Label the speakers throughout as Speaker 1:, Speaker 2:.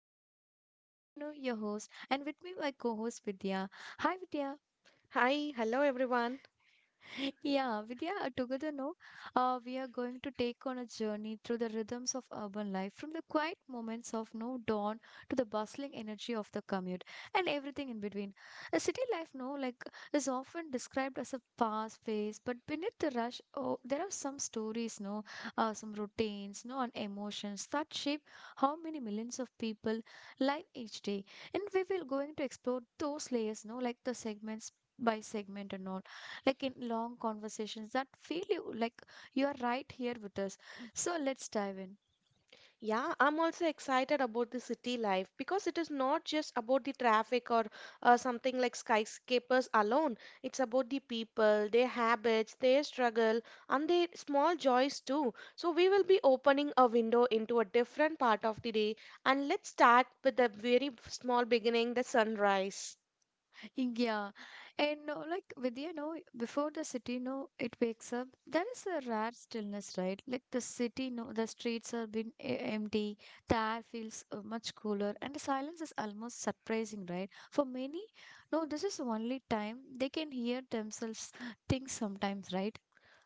Speaker 1: the city. I'm Danu, your host, and with me my co-host Vidya. Hi Vidya.
Speaker 2: Hi, hello everyone.
Speaker 1: Yeah, Vidya, together, no, we are going to take on a journey through the rhythms of urban life, from the quiet moments of no dawn to the bustling energy of the commute and everything in between. A city life, no, like is often described as a fast pace, but beneath the rush, oh, there are some stories, no, some routines, no, and emotions that shape how many millions of people live each day. And we will going to explore those layers, no, like the segments by segment and all like in long conversations that feel you like you are right here with us. So let's dive in.
Speaker 2: Yeah, I'm also excited about the city life because it is not just about the traffic or something like skyscrapers alone. It's about the people, their habits, their struggle, and their small joys too. So, we will be opening a window into a different part of the day. And let's start with the very small beginning the sunrise.
Speaker 1: Yeah. And no, like with you know, before the city no, it wakes up. There is a rare stillness, right? Like the city no, the streets have been empty. The air feels much cooler, and the silence is almost surprising, right? For many, no, this is the only time they can hear themselves think sometimes, right?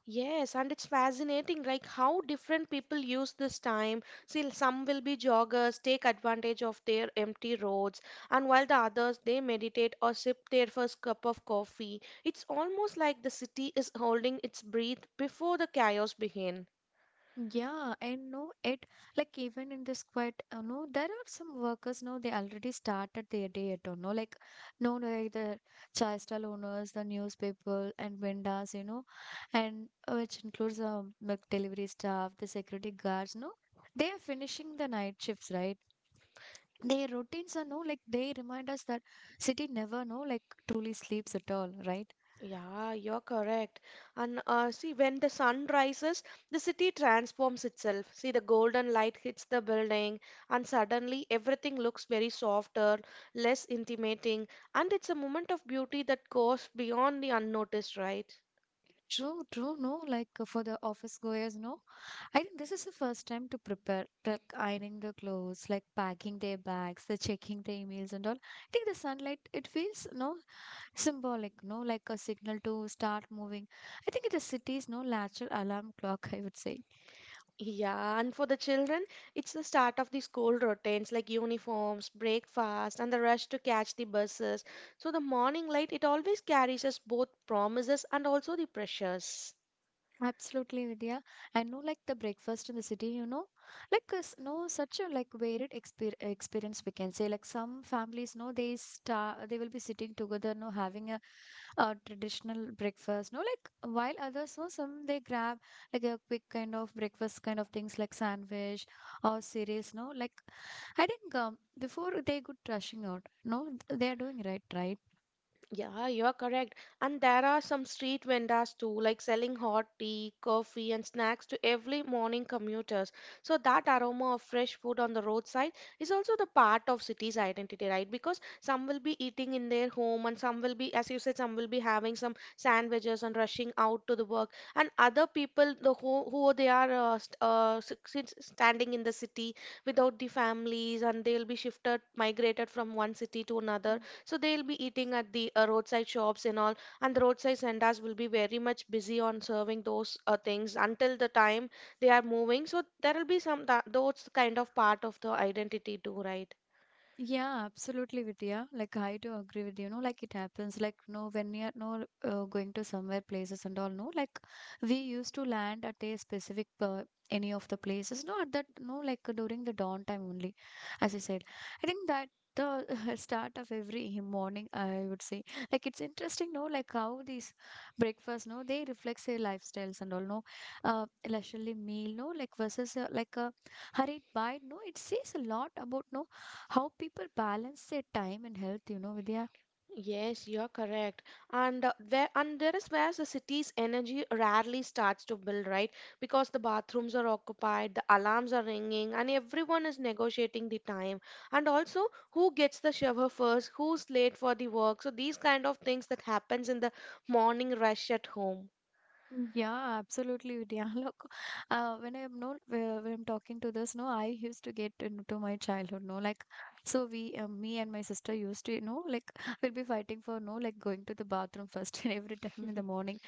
Speaker 2: Yes, and it's fascinating like how different people use this time. See, some will be joggers, take advantage of their empty roads, and while the others they meditate or sip their first cup of coffee. It's almost like the city is holding its breath before the chaos begins.
Speaker 1: Yeah, I know it like even in this quiet, you know, there are some workers, no, they already started their day at all, know, like no, like the chai stall owners, the newspaper and vendors, you know, and which includes milk delivery staff, the security guards, no, they are finishing the night shifts, right? Their routines are no, like they remind us that city never, no, like truly sleeps at all, right?
Speaker 2: Yeah, you're correct. And see, when the sun rises, the city transforms itself. See, the golden light hits the building, and suddenly everything looks very softer, less intimidating, and it's a moment of beauty that goes beyond the unnoticed, right?
Speaker 1: True, true, no, like for the office goers, no. I think this is the first time to prepare, like ironing the clothes, like packing their bags, the checking the emails and all. I think the sunlight, it feels no symbolic, no like a signal to start moving. I think it is city's no natural alarm clock, I would say.
Speaker 2: Yeah, and for the children, it's the start of the school routines like uniforms, breakfast, and the rush to catch the buses. So the morning light, it always carries us both promises and also the pressures.
Speaker 1: Absolutely, Vidya. I know, like the breakfast in the city, you know, like no such a like varied experience we can say. Like some families, no, they start they will be sitting together, no, having a traditional breakfast, no, like while others, no, some they grab like a quick kind of breakfast kind of things like sandwich or cereals, no, like I think before they could rushing out, no, they are doing right, right.
Speaker 2: Yeah, you're correct. And there are some street vendors too, like selling hot tea, coffee, and snacks to every morning commuters. So that aroma of fresh food on the roadside is also the part of city's identity, right? Because some will be eating in their home, and some will be, as you said, some will be having some sandwiches and rushing out to the work. And other people, who they are standing in the city without the families, and they'll be shifted, migrated from one city to another, so they'll be eating at the roadside shops and all, and the roadside sendas will be very much busy on serving those things until the time they are moving. So there will be some that those kind of part of the identity too, right?
Speaker 1: Yeah, absolutely, Vidya. Like I do agree with you. No, like it happens. Like no, when you're no going to somewhere places and all. No, like we used to land at a specific any of the places. No, at that no, like during the dawn time only, as I said. I think that the start of every morning, I would say, like it's interesting. No, like how these breakfast. No, they reflects their lifestyles and all. No, leisurely meal. No, like versus like a hurried bite. No, it says a lot about no how people balance their time and health, you know, Vidya.
Speaker 2: Yes, you're correct. And there is where the city's energy rarely starts to build, right? Because the bathrooms are occupied, the alarms are ringing, and everyone is negotiating the time. And also, who gets the shower first, who's late for the work. So these kind of things that happens in the morning rush at home.
Speaker 1: Yeah, absolutely, Vidya. Look, when I'm no, when I'm talking to this, no, I used to get into my childhood, no, like, so we, me and my sister used to, you know, like, we'll be fighting for no, like, going to the bathroom first every time in the morning,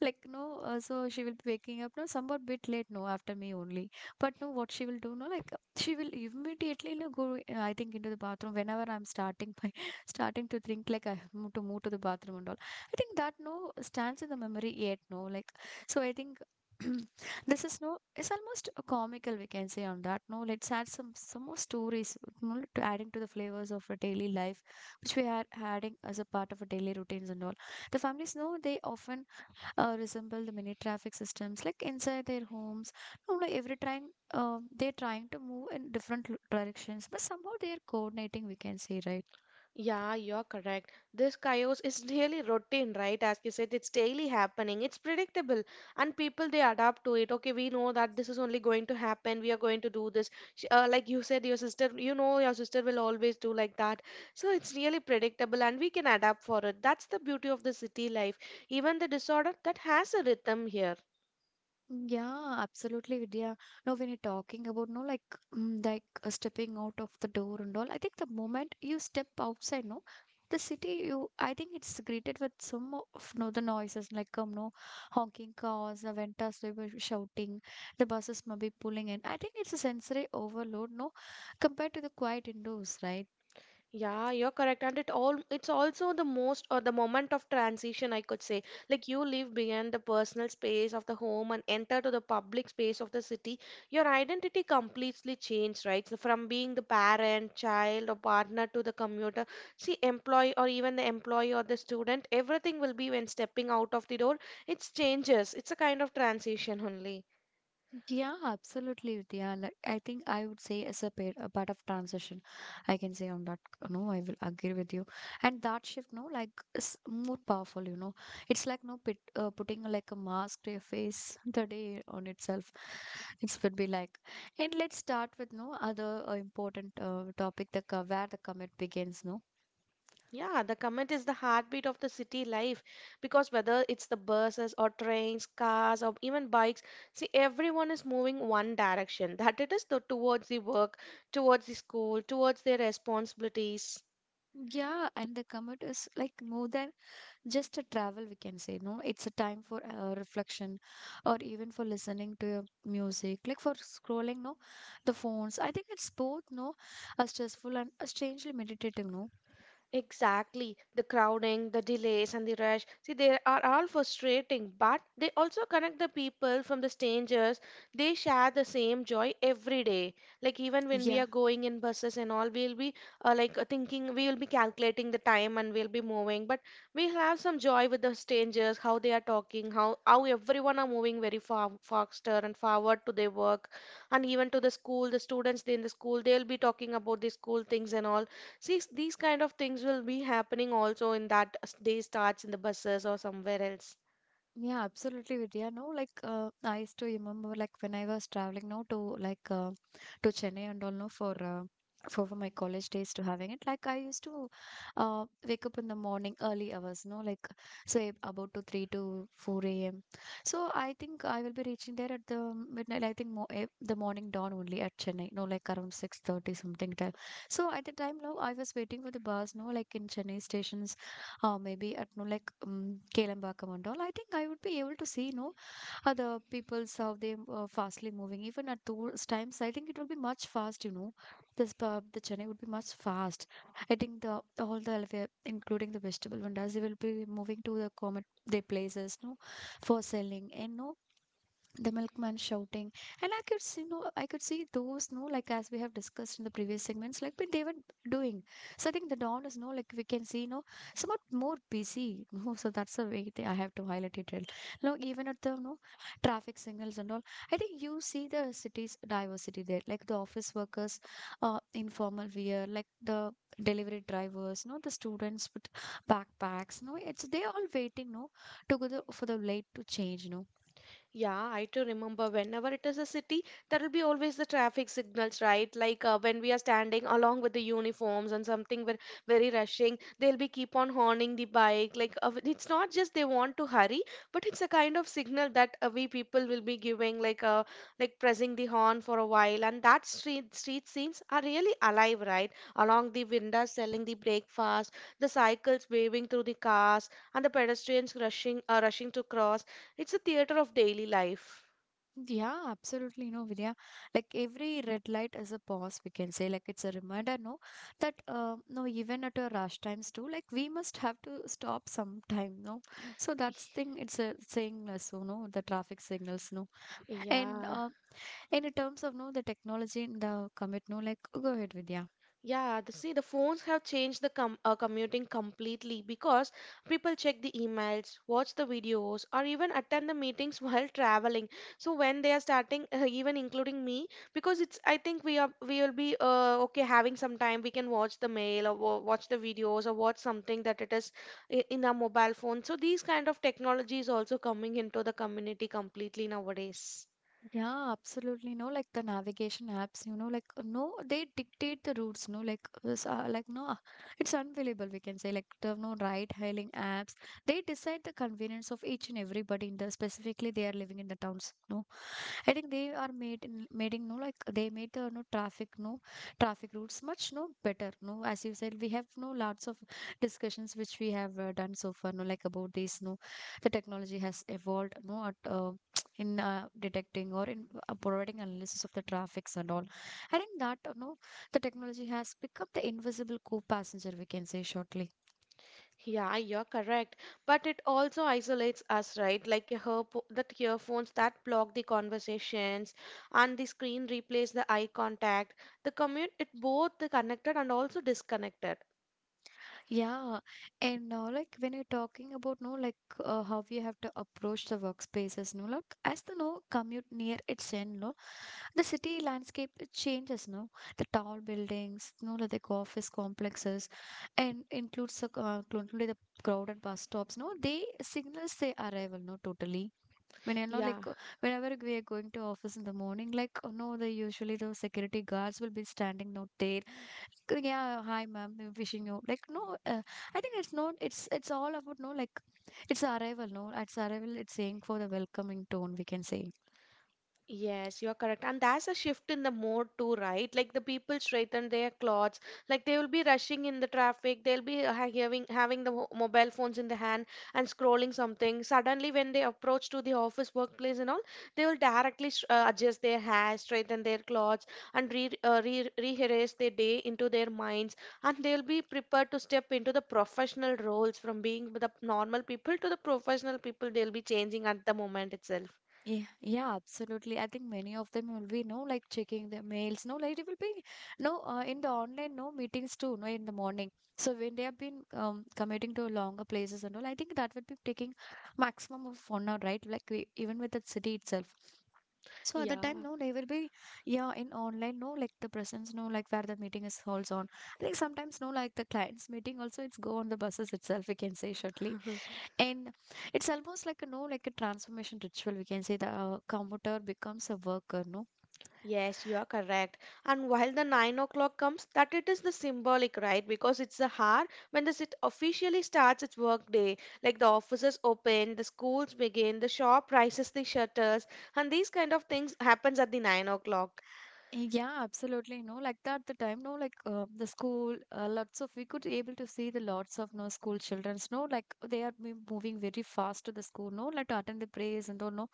Speaker 1: like, no, so she will be waking up, no, somewhat bit late, no, after me only, but no, what she will do, no, like, she will immediately, no, go, I think, into the bathroom whenever I'm starting my, starting to think like I have to move to the bathroom and all. I think that no stands in the memory yet, no. Like, so I think this is no, it's almost a comical, we can say on that, no. Let's add some more stories, no, to adding to the flavors of a daily life, which we are adding as a part of a daily routines and all. The families know they often resemble the mini traffic systems, like inside their homes. No, like every trying, they're trying to move in different directions, but somehow they are coordinating, we can say, right?
Speaker 2: Yeah, you're correct. This chaos is really routine, right? As you said, it's daily happening. It's predictable, and people they adapt to it. Okay, we know that this is only going to happen. We are going to do this. Like you said, your sister, you know, your sister will always do like that. So it's really predictable, and we can adapt for it. That's the beauty of the city life. Even the disorder that has a rhythm here.
Speaker 1: Yeah, absolutely, Vidya. Now, when you're talking about, no, like, like stepping out of the door and all, I think the moment you step outside, no, the city, you, I think it's greeted with some of, no, the noises, like, no, honking cars, the ventas, they were shouting, the buses may be pulling in. I think it's a sensory overload, no, compared to the quiet indoors, right?
Speaker 2: Yeah, you're correct. And it all it's also the most or the moment of transition, I could say. Like you leave behind the personal space of the home and enter to the public space of the city. Your identity completely changed, right? So from being the parent, child, or partner to the commuter, see employee or even the employee or the student, everything will be when stepping out of the door. It's changes. It's a kind of transition only.
Speaker 1: Yeah, absolutely. Yeah, like I think I would say as a part of transition, I can say on that. No, I will agree with you. And that shift, no, like is more powerful. You know, it's like no putting like a mask to your face today on itself. It would be like, and let's start with no other important topic. The where the commit begins. No,
Speaker 2: Yeah, the commute is the heartbeat of the city life, because whether it's the buses or trains, cars or even bikes, see everyone is moving one direction. That it is the, towards the work, towards the school, towards their responsibilities.
Speaker 1: yeah, and the commit is like more than just a travel we can say no it's a time for reflection or even for listening to your music like for scrolling no the phones, I think it's both no a stressful and a strangely meditative no,
Speaker 2: Exactly. The crowding, the delays, and the rush. See, they are all frustrating, but they also connect the people from the strangers. They share the same joy every day. Like, even when we
Speaker 1: yeah.
Speaker 2: are going in buses and all, we'll be thinking, we will be calculating the time and we'll be moving. But we have some joy with the strangers, how they are talking, how everyone are moving very far, faster and forward to their work. And even to the school, the students in the school, they'll be talking about the school things and all. These kind of things will be happening also in that day starts in the buses or somewhere else.
Speaker 1: Yeah, absolutely, Vidya. No, like I used to remember, like when I was traveling, no, to like to Chennai and all, no, for for my college days to having it. Like I used to wake up in the morning early hours, no, like say about to three to four a.m. So I think I will be reaching there at the midnight. I think the morning dawn only at Chennai, no, like around 6:30 something time. So at the time, no, I was waiting for the bus, no, like in Chennai station or maybe at no like Kelambakam and all, I think I would be able to see, no, other people's how they fastly moving. Even at those times, I think it will be much fast, you know. This pub, the Chennai would be much fast. I think the all the elevator, including the vegetable vendors, they will be moving to the comet their places, no, for selling and no the milkman shouting, and I could see, you know, I could see those no like as we have discussed in the previous segments like what they were doing. So I think the dawn is no like we can see no somewhat more busy no, so that's the way they, I have to highlight it real no, even at the no traffic signals and all, I think you see the city's diversity there, like the office workers, informal wear, like the delivery drivers no, the students with backpacks no, it's they all waiting no together for the late to change, no.
Speaker 2: Yeah, I do remember whenever it is a city, there will be always the traffic signals, right? When we are standing along with the uniforms and something we're very rushing, they'll be keep on horning the bike. It's not just they want to hurry, but it's a kind of signal that we people will be giving, like pressing the horn for a while. And that street scenes are really alive, right? Along the windows selling the breakfast, the cycles waving through the cars, and the pedestrians rushing to cross. It's a theater of daily life.
Speaker 1: Yeah, absolutely. You know, Vidya, like every red light is a pause, we can say. Like it's a reminder, no, that no, even at our rush times too, like we must have to stop sometime, no. So that's thing. It's a saying, so no, the traffic signals, no, and
Speaker 2: Yeah,
Speaker 1: uh, and in terms of no, the technology in the commit, no, like go ahead, Vidya.
Speaker 2: yeah. The, see, the phones have changed the commuting completely because people check the emails, watch the videos, or even attend the meetings while traveling. So when they are starting, even including me, because it's I think we are we will be okay having some time. We can watch the mail or watch the videos or watch something that it is in our mobile phone. So these kind of technology is also coming into the community completely nowadays.
Speaker 1: Yeah, absolutely. No, like the navigation apps, you know, like no, they dictate the routes. No, like this, like no, it's unbelievable. We can say like the no ride-hailing apps. They decide the convenience of each and everybody in the specifically they are living in the towns. No, I think they are made in making no like they made the no traffic routes much no better no, as you said we have no lots of discussions which we have done so far no like about this no the technology has evolved no at, in detecting or in providing analysis of the traffics and all. I think that no the technology has become the invisible co-passenger, we can say shortly.
Speaker 2: Yeah, you're correct. But it also isolates us, right? Like your that earphones that block the conversations and the screen replays the eye contact. The commute it both the connected and also disconnected.
Speaker 1: Yeah, and now like when you're talking about no like how you have to approach the workspaces, no like as the no commute near its end, no the city landscape it changes, no the tall buildings, no like the office complexes, and includes the include the crowded bus stops. No, they signals their arrival. No, totally. When you know,
Speaker 2: Yeah.
Speaker 1: like whenever we are going to office in the morning, like no, the usually the security guards will be standing out there. "Good, yeah hi ma'am wishing you like no I think it's not it's it's all about no like it's arrival no it's arrival it's saying for the welcoming tone we can say.
Speaker 2: Yes, you're correct. And that's a shift in the mode too, right? Like the people straighten their clothes, like they will be rushing in the traffic, they'll be having the mobile phones in the hand and scrolling something. Suddenly, when they approach to the office workplace and all, they will directly adjust their hair, straighten their clothes, and re re rehearse their day into their minds. And they'll be prepared to step into the professional roles from being the normal people to the professional people. They'll be changing at the moment itself.
Speaker 1: Yeah, yeah, absolutely, I think many of them will be no like checking their mails no like it will be no in the online no meetings too no in the morning. So when they have been committing to longer places and all, I think that would be taking maximum of 1 hour, right, like we, even with the city itself. So at that time,
Speaker 2: Yeah.
Speaker 1: no, they will be, yeah, in online, no, like the presence, no, like where the meeting is holds on. I think sometimes, no, like the clients meeting also, it's go on the buses itself, we can say shortly. And it's almost like a, no, like a transformation ritual, we can say the commuter becomes a worker, no.
Speaker 2: Yes, you are correct. And while the 9 o'clock comes, that it is the symbolic, right? Because it's the hour when the sit officially starts its work day. Like the offices open, the schools begin, the shop rises the shutters, and these kind of things happens at the 9 o'clock.
Speaker 1: Yeah, absolutely. No, like that the time, no, like the school, lots of we could able to see the lots of no school childrens. No, like they are moving very fast to the school. No, like to attend the prayers and all. No,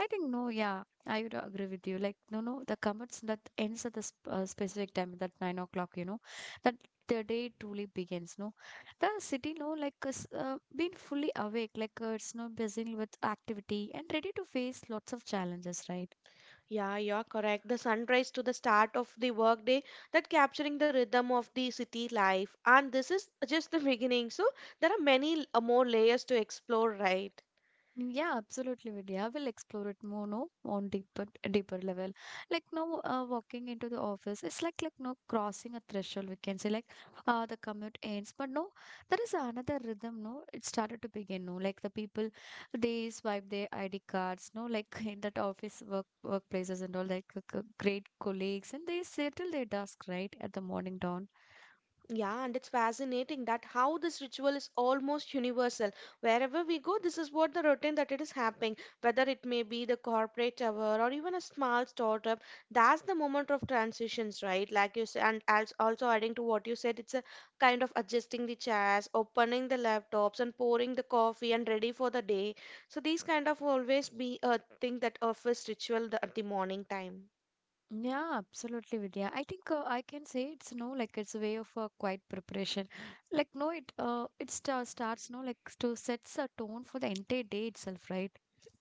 Speaker 1: I think no. Yeah, I would agree with you. Like no, no, the commits that ends at the sp specific time, that 9 o'clock. You know, that the day truly begins. No, the city, no, like is been fully awake. Like it's no busy with activity and ready to face lots of challenges. Right.
Speaker 2: Yeah, you are correct. The sunrise to the start of the workday, that capturing the rhythm of the city life. And this is just the beginning. So there are many more layers to explore, right?
Speaker 1: Yeah, absolutely, Vidya. I will explore it more, no, on deeper, deeper level. Like now, walking into the office, it's like no crossing a threshold. We can say like, the commute ends, but no, there is another rhythm. No, it started to begin. No, like the people, they swipe their ID cards. No, like in that office workplaces and all, like great colleagues, and they settle their dusk right at the morning dawn.
Speaker 2: Yeah, and it's fascinating that how this ritual is almost universal. Wherever we go, this is what the routine that it is happening, whether it may be the corporate tower or even a small startup. That's the moment of transitions, right? Like you said, and also adding to what you said, it's a kind of adjusting the chairs, opening the laptops, and pouring the coffee and ready for the day. So these kind of always be a thing that office ritual the, at the morning time.
Speaker 1: Yeah, absolutely, Vidya. I think I can say it's no like it's a way of quiet preparation. Like no, it it starts no like to sets a tone for the entire day itself, right?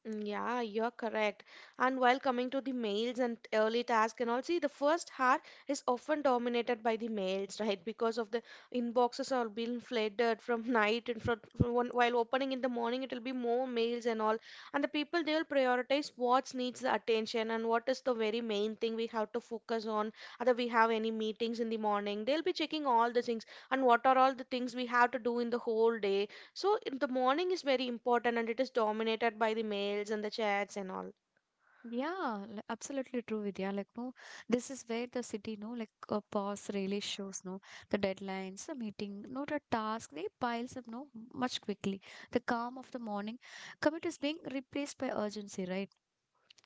Speaker 2: Mm, yeah, you're correct. And while coming to the males and early tasks and all, see, the first hour is often dominated by the males, right? Because of the inboxes are being flooded from night and from one, while opening in the morning, it will be more males and all. And the people they will prioritize what needs the attention and what is the very main thing we have to focus on. Whether we have any meetings in the morning, they'll be checking all the things and what are all the things we have to do in the whole day, so in the morning is very important and it is dominated by the mails and the chats and all.
Speaker 1: Yeah, absolutely true, Vidya. Like no, this is where the city no like a pause really shows no the deadlines, the meeting, not a task. They piles up no much quickly. The calm of the morning commute is being replaced by urgency, right?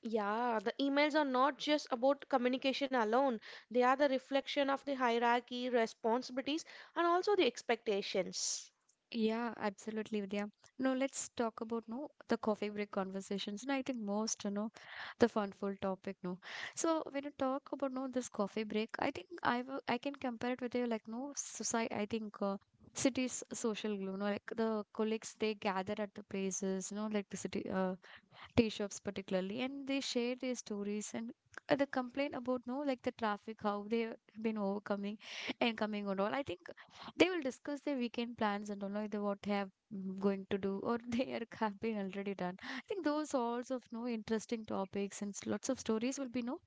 Speaker 2: Yeah, the emails are not just about communication alone. They are the reflection of the hierarchy, responsibilities, and also the expectations.
Speaker 1: Yeah, absolutely, Vidya. No, let's talk about no the coffee break conversations. And I think most, you know, the funful topic, no. So when you talk about no this coffee break, I think I can compare it with a like no society. I think cities social glue, no, like the colleagues they gather at the places, no, like the city. Tea shops particularly, and they share their stories and the complaint about no like the traffic how they've been overcoming and coming and all, I think they will discuss their weekend plans and all, like the what they have going to do, or they are have been already done. I think those sorts of no interesting topics and lots of stories will be no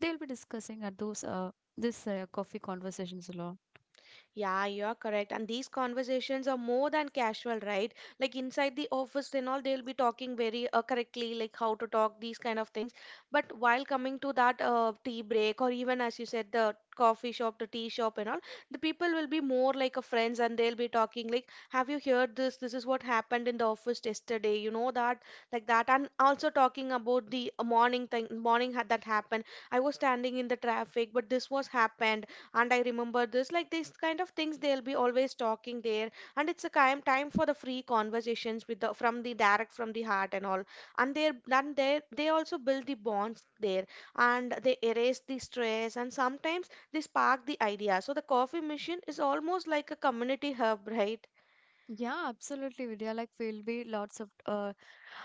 Speaker 1: they will be discussing at those this coffee conversations a lot.
Speaker 2: Yeah, you're correct. And these conversations are more than casual, right? Like inside the office and all, they'll be talking very correctly, like how to talk, these kind of things. But while coming to that tea break, or even as you said, the coffee shop, the tea shop, and all, the people will be more like a friends and they'll be talking, like, have you heard this? This is what happened in the office yesterday, you know, that, like that. And also talking about the morning thing, morning had that happened. I was standing in the traffic, but this was happened and I remember this, like, these kind of things they'll be always talking there. And it's a time for the free conversations with the from the direct from the heart and all. And they also build the bonds there, and they erase the stress, and sometimes they spark the idea. So the coffee machine is almost like a community hub, right?
Speaker 1: Yeah, absolutely, Vidya. Like, we'll be lots of uh,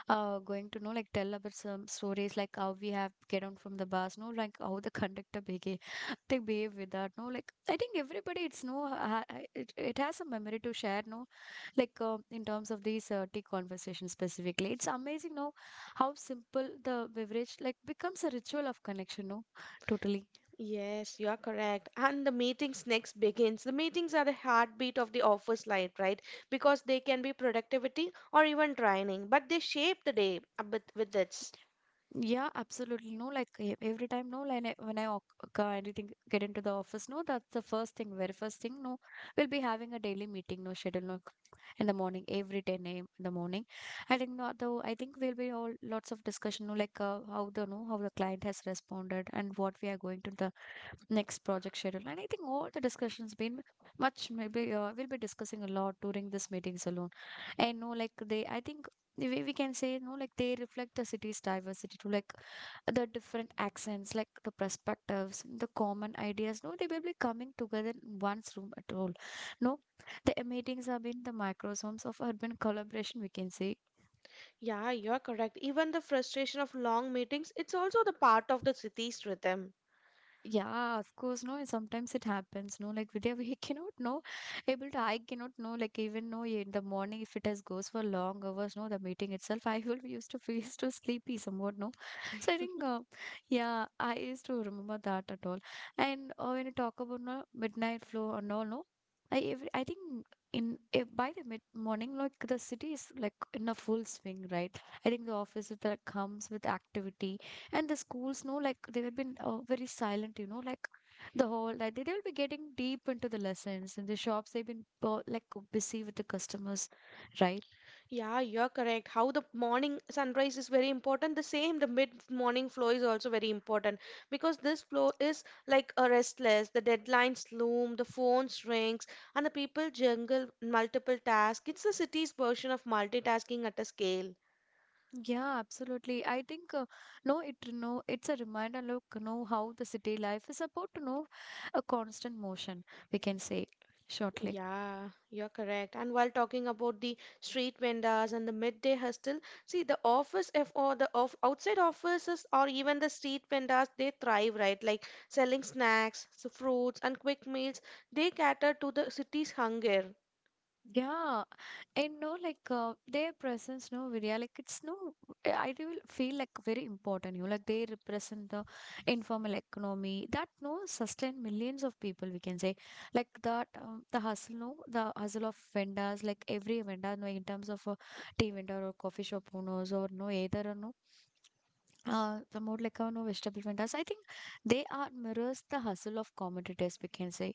Speaker 1: uh, going to know, like, tell about some stories, like how we have get on from the bus, no, like how the conductor behave, they behave with that, no, like I think everybody, it's no, it has a memory to share, no, like in terms of these tea conversations specifically. It's amazing, no, how simple the beverage like becomes a ritual of connection, no, totally.
Speaker 2: Yes, you are correct. And the meetings next begins. The meetings are the heartbeat of the office life, right? Because they can be productivity or even training, but they shape the day with this.
Speaker 1: Yeah, absolutely. No, like every time, no, like when I walk, anything get into the office, no, that's the first thing, very first thing. No, we'll be having a daily meeting, no schedule, no, in the morning, every 10 a.m. in the morning. I think not though. I think we'll be all lots of discussion, no, like how the no, how the client has responded and what we are going to the next project schedule. And I think all the discussions been much maybe we'll be discussing a lot during these meetings alone. I know, like they, I think the way we can say, no, like they reflect the city's diversity to like the different accents, like the perspectives, the common ideas. No, they will be coming together in one's room at all. No, the meetings have been the microsomes of urban collaboration, we can say.
Speaker 2: Yeah, you are correct. Even the frustration of long meetings, it's also the part of the city's rhythm.
Speaker 1: Yeah, of course, no, and sometimes it happens, no. Like Vidya, we cannot know, able to, I cannot know, like even know in the morning if it has goes for long hours, no, the meeting itself, I will be used to feel so sleepy somewhat, no. So I think, yeah, I used to remember that at all. And when you talk about no, midnight flow and all, no, I every, I think in by the mid morning, like the city is like in a full swing, right? I think the office is, like comes with activity, and the schools know like they have been very silent, you know, like the whole like they will be getting deep into the lessons, and the shops they've been like busy with the customers, right?
Speaker 2: Yeah, you're correct. How the morning sunrise is very important. The same, the mid-morning flow is also very important, because this flow is like a restless. The deadlines loom, the phones rings, and the people jungle multiple tasks. It's the city's version of multitasking at a scale.
Speaker 1: Yeah, absolutely, I think no it no it's a reminder look know how the city life is about to know a constant motion, we can say shortly.
Speaker 2: Yeah, you're correct. And while talking about the street vendors and the midday hustle, see the office if or the off outside offices or even the street vendors, they thrive, right? Like selling snacks, so fruits, and quick meals. They cater to the city's hunger.
Speaker 1: Yeah. And no, like their presence, no, Vidya, like it's no, I do feel like very important. You know, like they represent the informal economy that no sustain millions of people. We can say like that the hustle, no, the hustle of vendors, like every vendor, no, in terms of a tea vendor or coffee shop owners or no, either or no, the more like no vegetable vendors. I think they are mirrors the hustle of commodities. We can say.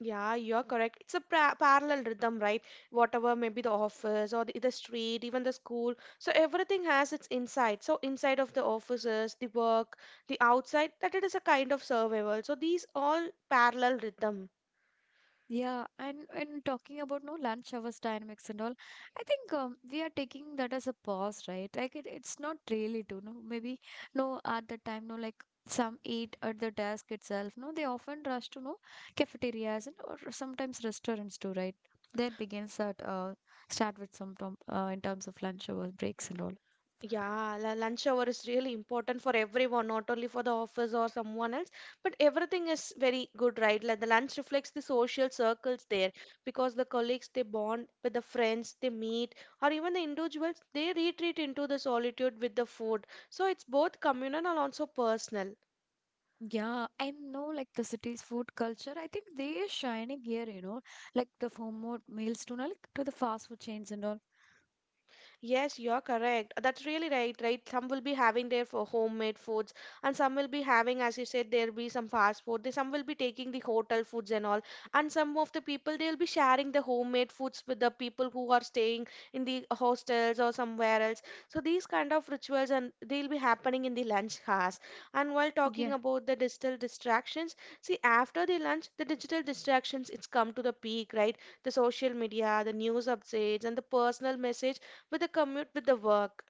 Speaker 2: Yeah, you're correct. It's a pra parallel rhythm, right? Whatever, maybe the office or the street, even the school. So everything has its inside. So inside of the offices, the work, the outside, that it is a kind of survival. So these all parallel rhythm.
Speaker 1: Yeah, and talking about no lunch hours dynamics and all, I think we are taking that as a pause, right? Like it, it's not really to no maybe no at the time no like some eat at the desk itself. No, they often rush to no cafeterias and or sometimes restaurants too, right? There begins that start with some tom in terms of lunch hour breaks and all.
Speaker 2: Yeah, lunch hour is really important for everyone, not only for the office or someone else, but everything is very good, right? Like the lunch reflects the social circles there, because the colleagues they bond with the friends they meet, or even the individuals they retreat into the solitude with the food. So it's both communal and also personal.
Speaker 1: Yeah, I know like the city's food culture. I think they are shining here, you know, like the home mode meals to no, like to the fast food chains and all.
Speaker 2: Yes, you're correct. That's really right, right? Some will be having their for homemade foods, and some will be having, as you said, there'll be some fast food. They, some will be taking the hotel foods and all, and some of the people they'll be sharing the homemade foods with the people who are staying in the hostels or somewhere else. So these kind of rituals and they'll be happening in the lunch hours. And while talking
Speaker 1: Yeah.
Speaker 2: about the digital distractions, see after the lunch, the digital distractions it's come to the peak, right? The social media, the news updates, and the personal message with the commute with the work.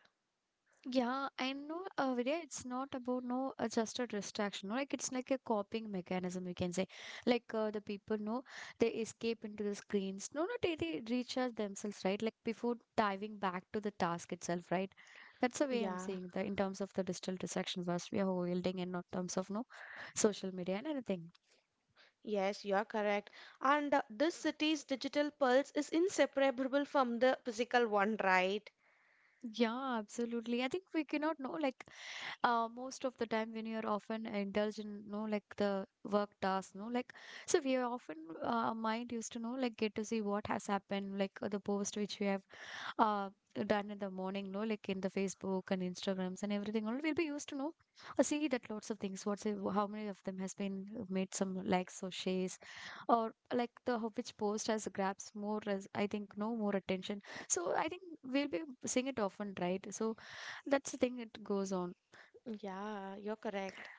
Speaker 1: Yeah, I know, Vidya, it's not about no just a distraction. No? Like it's like a coping mechanism, you can say. Like the people know they escape into the screens. No, no, they recharge themselves, right? Like before diving back to the task itself, right? That's the way I'm
Speaker 2: Yeah,
Speaker 1: seeing the in terms of the digital distraction was we are holding and not terms of no social media and anything.
Speaker 2: yes, you are correct. And this city's digital pulse is inseparable from the physical one, right?
Speaker 1: Yeah, absolutely. I think we cannot know like most of the time when you're often indulge in no, like the work tasks no like so we are often our mind used to know like get to see what has happened like the post which we have uh done in the morning no like in the facebook and instagrams and everything all we'll be used to know see that lots of things what's how many of them has been made some likes or shares or like the which post has grabs more I think no more attention so I think we'll be seeing it often right so that's the thing it goes on.
Speaker 2: Yeah, you're correct.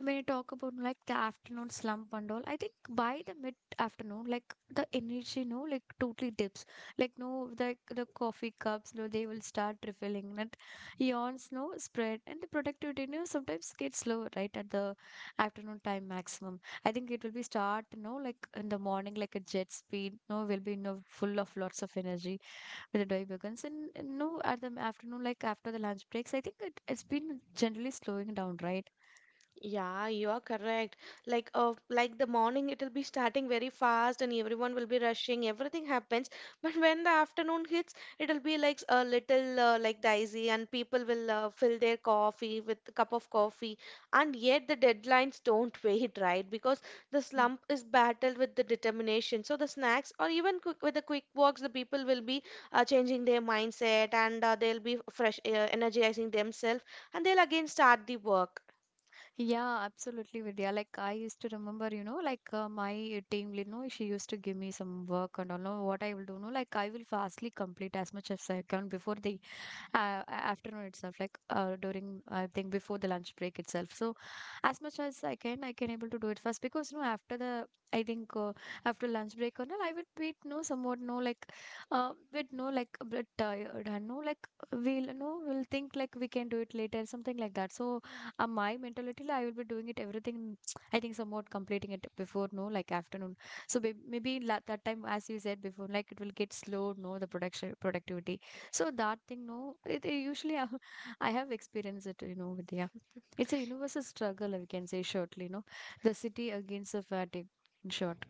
Speaker 1: When you talk about like the afternoon slump and all, I think by the mid afternoon, like the energy, no, like totally dips. Like no, like the coffee cups, no, they will start refilling. That yawns, no, spread, and the productivity, no, sometimes gets low right at the afternoon time maximum. I think it will be start, no, like in the morning, like a jet speed, no, will be no full of lots of energy when the day begins, and no, at the afternoon, like after the lunch breaks, I think it's been generally slowing down, right?
Speaker 2: Yeah, you are correct. Like the morning it'll be starting very fast and everyone will be rushing, everything happens. But when the afternoon hits, it'll be like a little like dicey, and people will fill their coffee with a cup of coffee. And yet the deadlines don't wait, right? Because the
Speaker 1: Hmm.
Speaker 2: slump is battled with the determination. So the snacks or even quick, with the quick walks, the people will be changing their mindset, and they'll be fresh, energizing themselves, and they'll again start the work.
Speaker 1: Yeah, absolutely, Vidya. Like I used to remember, you know, like my team lead, no, she used to give me some work and all. No, what I will do, no, like I will fastly complete as much as I can before the uh, afternoon itself, like during, I think, before the lunch break itself, so as much as I can, I can able to do it first because, you know, after the, I think, after lunch break or not, I will be no somewhat no, like bit no, like a bit tired and no, like we'll no we'll think like we can do it later, something like that. So my mentality, like, I will be doing it everything. I think somewhat completing it before, no, like afternoon. So that time, as you said before, like it will get slow, no, the production productivity. So that thing, no, it usually I, I have experienced it, you know, Vidya. It's a universal struggle, we can say shortly, no. The city against the fatigue, in short.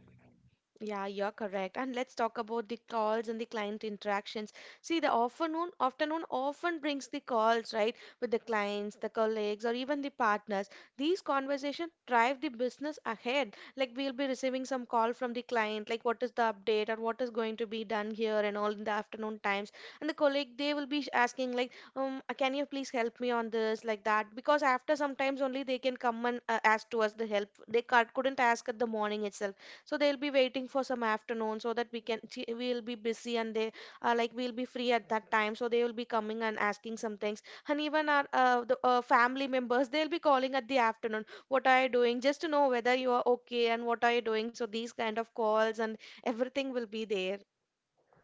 Speaker 2: Yeah, you're correct. And let's talk about the calls and the client interactions. See, the afternoon often brings the calls, right, with the clients, the colleagues, or even the partners. These conversations drive the business ahead. Like we'll be receiving some call from the client, like what is the update or what is going to be done here and all in the afternoon times. And the colleague they will be asking like, can you please help me on this, like that? Because after sometimes only they can come and ask to us the help. They couldn't ask at the morning itself, so they'll be waiting for some afternoon so that we can she, we'll be busy, and they like we'll be free at that time, so they will be coming and asking some things. And even our family members they'll be calling at the afternoon, what are you doing, just to know whether you are okay and what are you doing. So these kind of calls and everything will be there.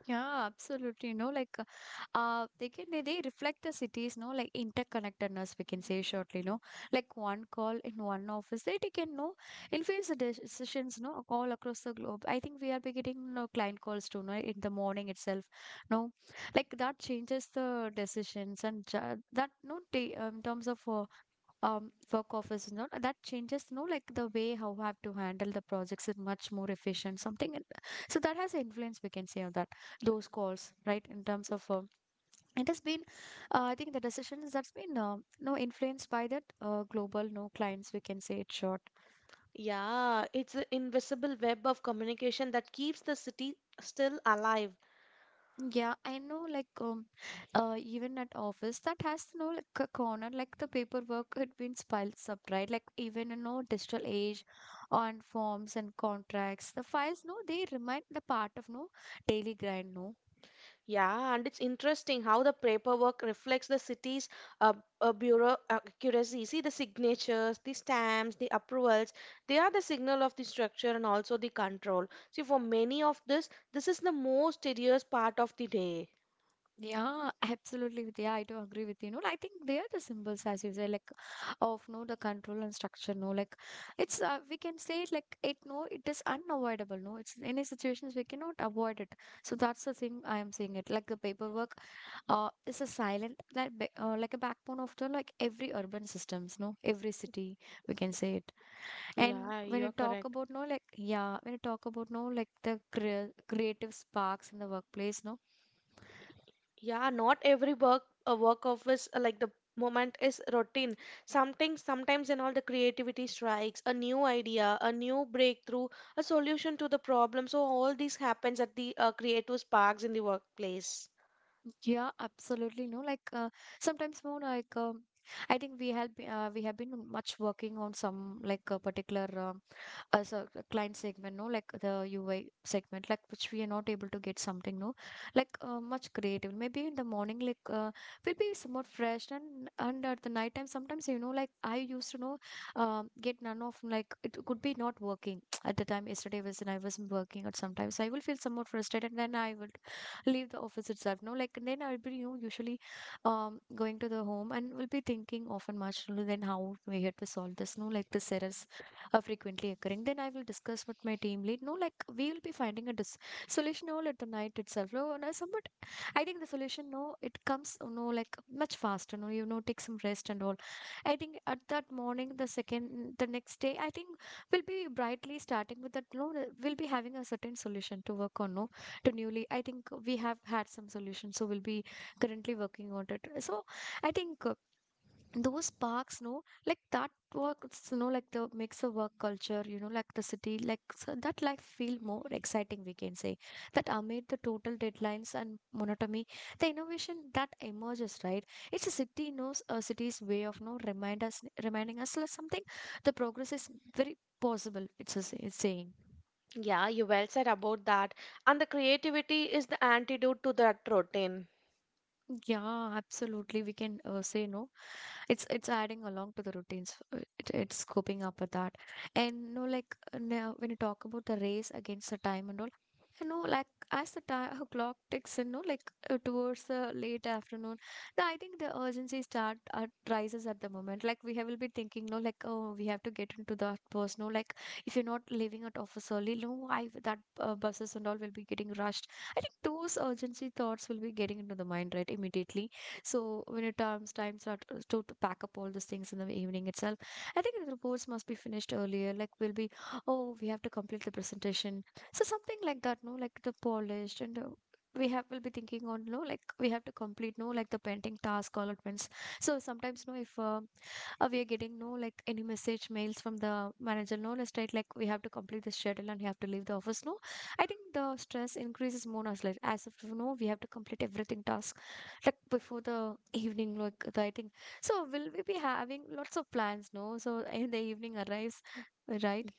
Speaker 1: Yeah, absolutely. No, like, they can they reflect the cities, no, like interconnectedness, we can say shortly, no, like one call in one office, they can know influence the decisions, no, all across the globe. I think we are be getting no client calls too, no, in the morning itself, no, like that changes the decisions and that no, in terms of work office, you know, that changes. No, like the way how I have to handle the projects is much more efficient something and- so that has influence, we can say, on that those calls, right, in terms of it has been I think the decisions that's been no influenced by that global no clients, we can say it short.
Speaker 2: Yeah, it's an invisible web of communication that keeps the city still alive.
Speaker 1: Yeah, I know, like even at office that has no like a corner, like the paperwork had been piled up, right? Like even in no digital age on forms and contracts. The files no, they remind the part of no daily grind, no.
Speaker 2: Yeah, and it's interesting how the paperwork reflects the city's uh, bureau accuracy. See the signatures, the stamps, the approvals, they are the signal of the structure and also the control. See, for many of this, this is the most tedious part of the day.
Speaker 1: Yeah, absolutely with yeah, I do agree with you. No, I think they are the symbols, as you say, like of no the control and structure, no, like it's we can say it like it no, it is unavoidable, no. It's any situations we cannot avoid it. So that's the thing I am saying it. Like the paperwork is a silent like like a backbone of the like every urban systems, no, every city, we can say it. And
Speaker 2: Yeah,
Speaker 1: when
Speaker 2: you
Speaker 1: you
Speaker 2: are
Speaker 1: talk
Speaker 2: correct.
Speaker 1: about no, like yeah, when you talk about no, like the creative sparks in the workplace, no,
Speaker 2: Yeah, not every work of is like the moment is routine. Something sometimes in all the creativity strikes, a new idea, a new breakthrough, a solution to the problem. So all these happens at the creative sparks in the workplace.
Speaker 1: yeah, absolutely, no, like sometimes more like I think we have been much working on some like a particular as a client segment, no, like the UI segment, like which we are not able to get something, no, like much creative. Maybe in the morning, like we'll be somewhat fresh, and at the night time, sometimes, you know, like I used to know, get none of like it could be not working. At the time, yesterday was and I wasn't working, or sometimes I will feel somewhat frustrated, and then I would leave the office itself, no, like and then I'll be, you know, usually going to the home and will be thinking often much, no, then how we had to solve this, no, like this errors are frequently occurring, then I will discuss with my team lead. No, like we will be finding a solution all at the night itself. No, no, somewhat I think the solution, no, it comes. No, like much faster. No, you know, take some rest and all. I think at that morning, the second, the next day, I think we'll be brightly starting with that. No, we'll be having a certain solution to work on. No, to newly, I think we have had some solution, so we'll be currently working on it. So I think. Those parks, no, like that works, you know, like the makes a work culture, you know, like the city, like, so that life feel more exciting, we can say, that amid the total deadlines and monotony, the innovation that emerges, right. It's a city knows a city's way of no remind us reminding us like something, the progress is very possible, it's it's saying.
Speaker 2: Yeah, you well said about that. And the creativity is the antidote to that routine.
Speaker 1: Yeah, absolutely. We can say no. It's adding along to the routines. It's coping up with that. And no, like now when you talk about the race against the time and all, you know, like as the time clock ticks in, no, like towards the late afternoon, no, I think the urgency start rises at the moment. Like we have, will be thinking, no, like, oh, we have to get into that bus. No, like if you're not leaving at office early, no, I that buses and all will be getting rushed. I think those urgency thoughts will be getting into the mind, right, immediately. So when your times are to, to pack up all those things in the evening itself, I think the reports must be finished earlier. Like we'll be, oh, we have to complete the presentation. So something like that, no, like the polished and. We have will be thinking on, no, like we have to complete, no, like the pending task allotments. So sometimes no, if we are getting no, like any message mails from the manager, no, let's write, like we have to complete the schedule and you have to leave the office, no, I think the stress increases more as like, as if you know, we have to complete everything task like before the evening, like the, I think so will we be having lots of plans, no, so in the evening arrives, right.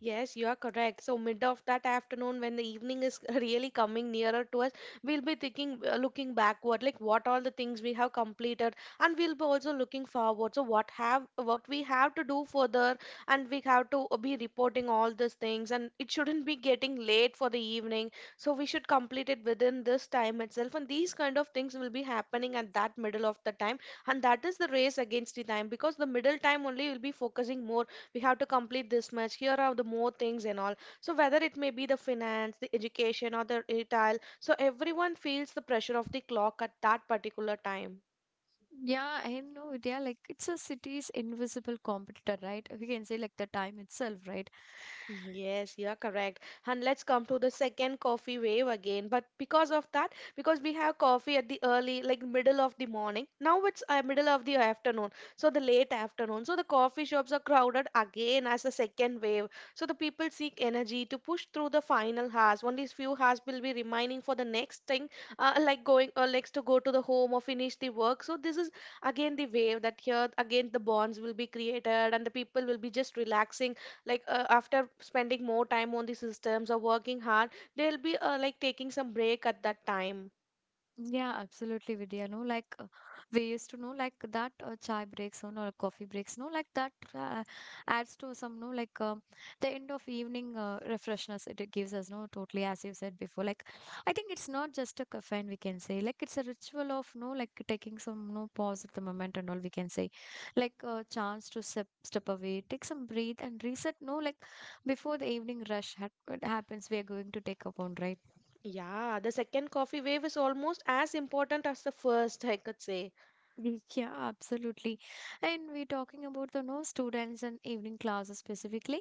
Speaker 2: Yes, you are correct. So mid of that afternoon, when the evening is really coming nearer to us, we'll be thinking, looking backward, like what all the things we have completed, and we'll be also looking forward. So what have what we have to do further, and we have to be reporting all these things, and it shouldn't be getting late for the evening. So we should complete it within this time itself, and these kind of things will be happening at that middle of the time, and that is the race against the time, because the middle time only will be focusing more, we have to complete this much, here are the more things and all. So whether it may be the finance, the education, or the retail, so everyone feels the pressure of the clock at that particular time.
Speaker 1: Yeah, I know, yeah, like it's a city's invisible competitor, right, we can say, like the time itself, right.
Speaker 2: Yes, you are correct. And let's come to the second coffee wave again. But because of that, because we have coffee at the early, like middle of the morning. Now it's middle of the afternoon, so the late afternoon. So the coffee shops are crowded again as the second wave. So the people seek energy to push through the final hours. Only few hours will be remaining for the next thing, like going next to go to the home or finish the work. So this is again the wave that here again the bonds will be created, and the people will be just relaxing, like after spending more time on the systems or working hard, they'll be like taking some break at that time.
Speaker 1: Yeah, absolutely, Vidya. No, like, we used to know like that chai breaks on or coffee breaks. No, like that adds to some no like the end of evening refreshness it gives us. No, totally as you said before. Like I think it's not just a caffeine, we can say. Like it's a ritual of no like taking some no pause at the moment and all, we can say. Like a chance to step away, take some breathe and reset. No, like before the evening rush ha happens, we are going to take upon, right.
Speaker 2: Yeah, the second coffee wave is almost as important as the first, I could say.
Speaker 1: Yeah, absolutely. And we're talking about the no students and evening classes specifically.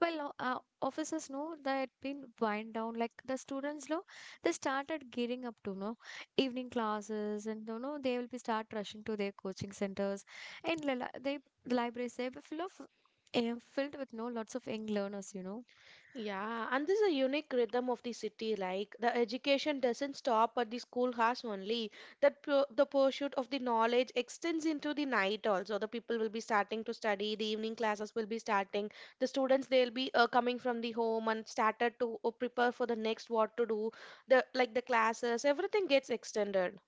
Speaker 1: Well, officers know that been wind down, like the students know they started gearing up to know evening classes, and you know they will be start rushing to their coaching centers, and they, the libraries they were full of, filled with no lots of young learners, you know.
Speaker 2: Yeah, and this is a unique rhythm of the city. Like the education doesn't stop at the schoolhouse only. The pursuit of the knowledge extends into the night also. The people will be starting to study. The evening classes will be starting. The students they'll be coming from the home and started to prepare for the next what to do. The like the classes, everything gets extended.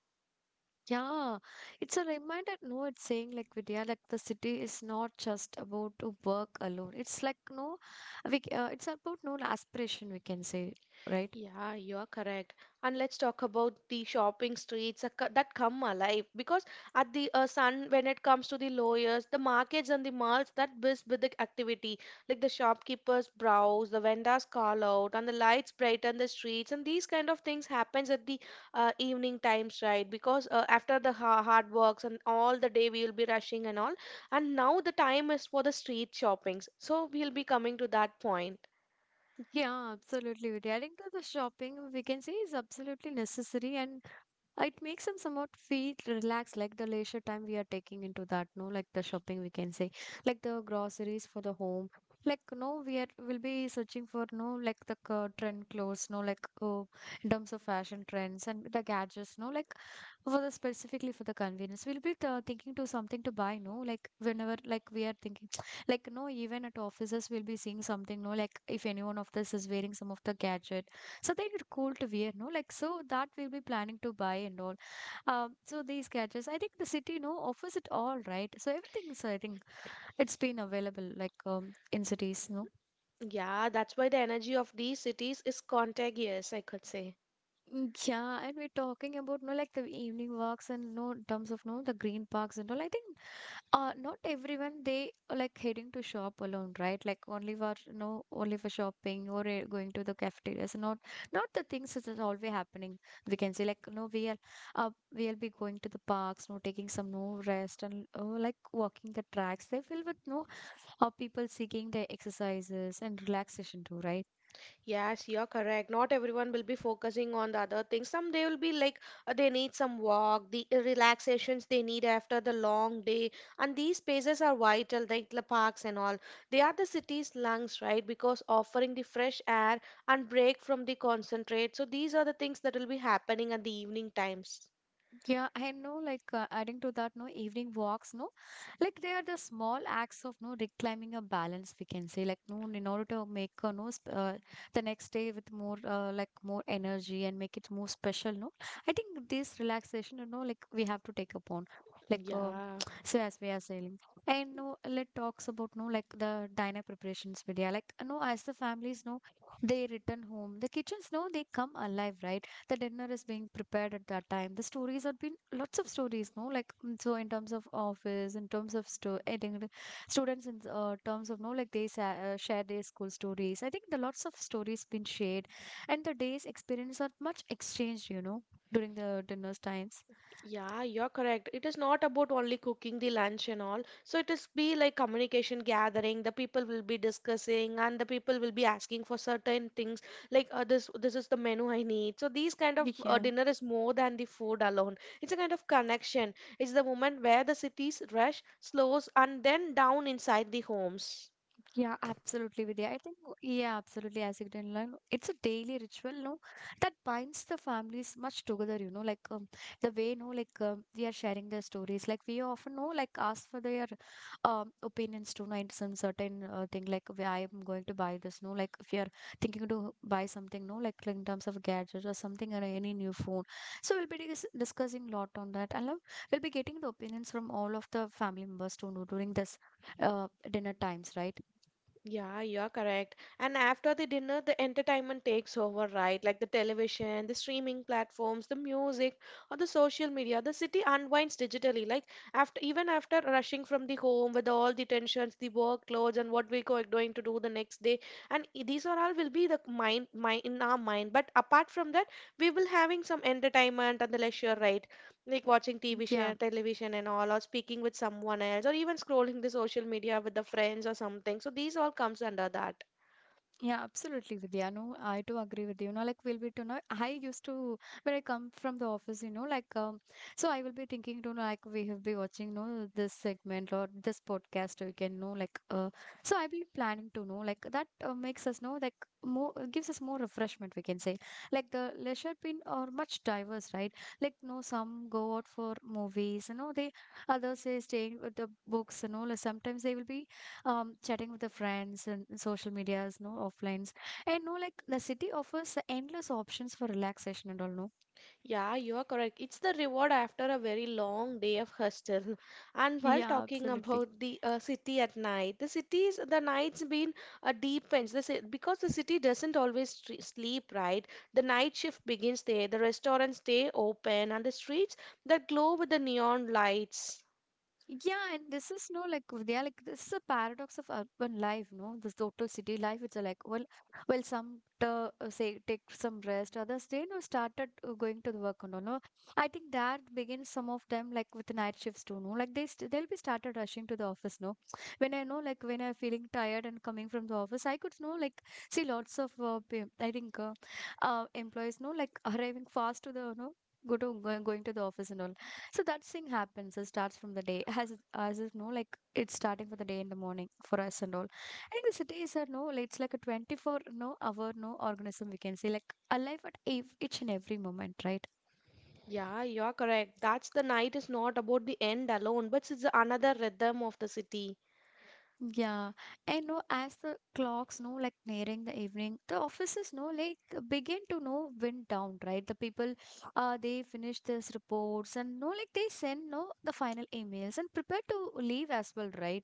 Speaker 1: Yeah, it's a reminder. No, it's saying, like, Vidya, like the city is not just about to work alone. It's like no, it's about no aspiration, we can say, right?
Speaker 2: Yeah, you are correct. And let's talk about the shopping streets that come alive because at the sun, when it comes to the lawyers, the markets and the malls that buzz with the activity, like the shopkeepers browse, the vendors call out, and the lights brighten the streets, and these kind of things happens at the evening times, right? Because after the ha hard works and all the day we will be rushing and all, and now the time is for the street shoppings. So we'll be coming to that point.
Speaker 1: Yeah, absolutely, Vidya. I think that the shopping we can say is absolutely necessary. And it makes them somewhat feel relaxed, like the leisure time we are taking into that, no, like the shopping we can say, like the groceries for the home. Like no, we are will be searching for no, like the trend clothes, no, like in terms of fashion trends and the gadgets, no, like for the specifically for the convenience, we'll be thinking to something to buy, no, like whenever like we are thinking, like no, even at offices we'll be seeing something, no, like if anyone of this is wearing some of the gadgets, so they are cool to wear, no? Like so that we'll be planning to buy and all. So these gadgets, I think the city, no, offers it all, right? So everything's, I think, it's been available, like in cities, no.
Speaker 2: Yeah, that's why the energy of these cities is contagious, I could say.
Speaker 1: Mm, yeah, and we're talking about no, like the evening walks and no in terms of no the green parks and all. I think not everyone they are, like heading to shop alone, right, like only for no, only for shopping or going to the cafeterias, not not the things that is always happening, we can say, like no we are uh, we'll be going to the parks, no, taking some no rest and oh, like walking the tracks they feel with no people seeking their exercises and relaxation too, right.
Speaker 2: Yes, you're correct. Not everyone will be focusing on the other things. Some they will be like they need some walk, the relaxations they need after the long day. And these spaces are vital, like the parks and all. They are the city's lungs, right? Because offering the fresh air and break from the concentrate. So these are the things that will be happening at the evening times.
Speaker 1: Yeah, I know, like adding to that, no evening walks, no, like they are the small acts of no reclaiming a balance, we can say, like no, in order to make a no, the next day with more like more energy and make it more special, no. I think this relaxation, like we have to take upon, like
Speaker 2: Yeah.
Speaker 1: so as we are saying, and no, let talks about no, like the diner preparations video, like no, as the families know, they return home, the kitchens no, they come alive, right? The dinner is being prepared at that time. The stories have been lots of stories, no? Like so in terms of office, in terms of I think the students in terms of no, like they share their school stories. I think the lots of stories been shared, and the day's experience are much exchanged, during the dinner's times.
Speaker 2: Yeah, you're correct. It is not about only cooking the lunch and all. So it is be like communication gathering. The people will be discussing, and the people will be asking for certain things like this. This is the menu I need. So these kind of
Speaker 1: Yeah.
Speaker 2: dinner is more than the food alone. It's a kind of connection. It's the moment where the cities rush, slows, and then down inside the homes.
Speaker 1: Yeah, absolutely, Vidya. I think, yeah, absolutely, as you can learn, it's a daily ritual, no, that binds the families much together, like the way, no, like we are sharing their stories, like we often know, like ask for their opinions to know in some certain thing, like where I am going to buy this, no, like if you're thinking to buy something, no, like in terms of gadgets or something or any new phone. So we'll be discussing a lot on that, and we'll be getting the opinions from all of the family members to know during this dinner times, right?
Speaker 2: Yeah, you're correct. And after the dinner, the entertainment takes over, right? Like the television, the streaming platforms, the music, or the social media. The city unwinds digitally. Like after, even after rushing from the home with all the tensions, the workloads, and what we're going to do the next day. And these are all will be the mind, in our mind. But apart from that, we will having some entertainment and the leisure, right? Like watching TV show,
Speaker 1: Yeah,
Speaker 2: television and all, or speaking with someone else, or even scrolling the social media with the friends or something. So these all comes under that.
Speaker 1: yeah, absolutely, Vidya. No, I too agree with you. Like we'll be to know. I used to when I come from the office, like so I will be thinking to know, like we have been watching, no, this segment or this podcast, or we can know, like so I will be planning to know, like that makes us know, like more gives us more refreshment. We can say, like the leisure pin are much diverse, right? Like no, some go out for movies, you know, they others they staying with the books, you know, like sometimes they will be chatting with the friends and social medias no offlines and no like the city offers endless options for relaxation and all no
Speaker 2: Yeah, you are correct. It's the reward after a very long day of hostel. And while
Speaker 1: yeah
Speaker 2: talking
Speaker 1: absolutely.
Speaker 2: about the city at night, the night's been a deep fence. Because the city doesn't always sleep, right? The night shift begins there. The restaurants stay open, and the streets that glow with the neon lights.
Speaker 1: Yeah, and this is no like they are like this is a paradox of urban life, no? This total city life. It's a like well, some say take some rest, others they you know started going to the work and all. No, I think that begins some of them like with the night shifts too. No, like they st they'll be started rushing to the office. No, when I know like when I'm feeling tired and coming from the office, I could know like see lots of I think employees no like arriving fast to the no going to the office and all. So that thing happens. It starts from the day, as as if no, like it's starting for the day in the morning for us and all. I think the city is a no, like, it's like a 24 no hour no organism we can say like alive at each and every moment, right?
Speaker 2: Yeah, you're correct. That's the night is not about the end alone, but it's another rhythm of the city.
Speaker 1: Yeah, and no, as the clocks no like nearing the evening, the offices no like begin to no wind down, right? The people, they finish their reports and no like they send no the final emails and prepare to leave as well, right?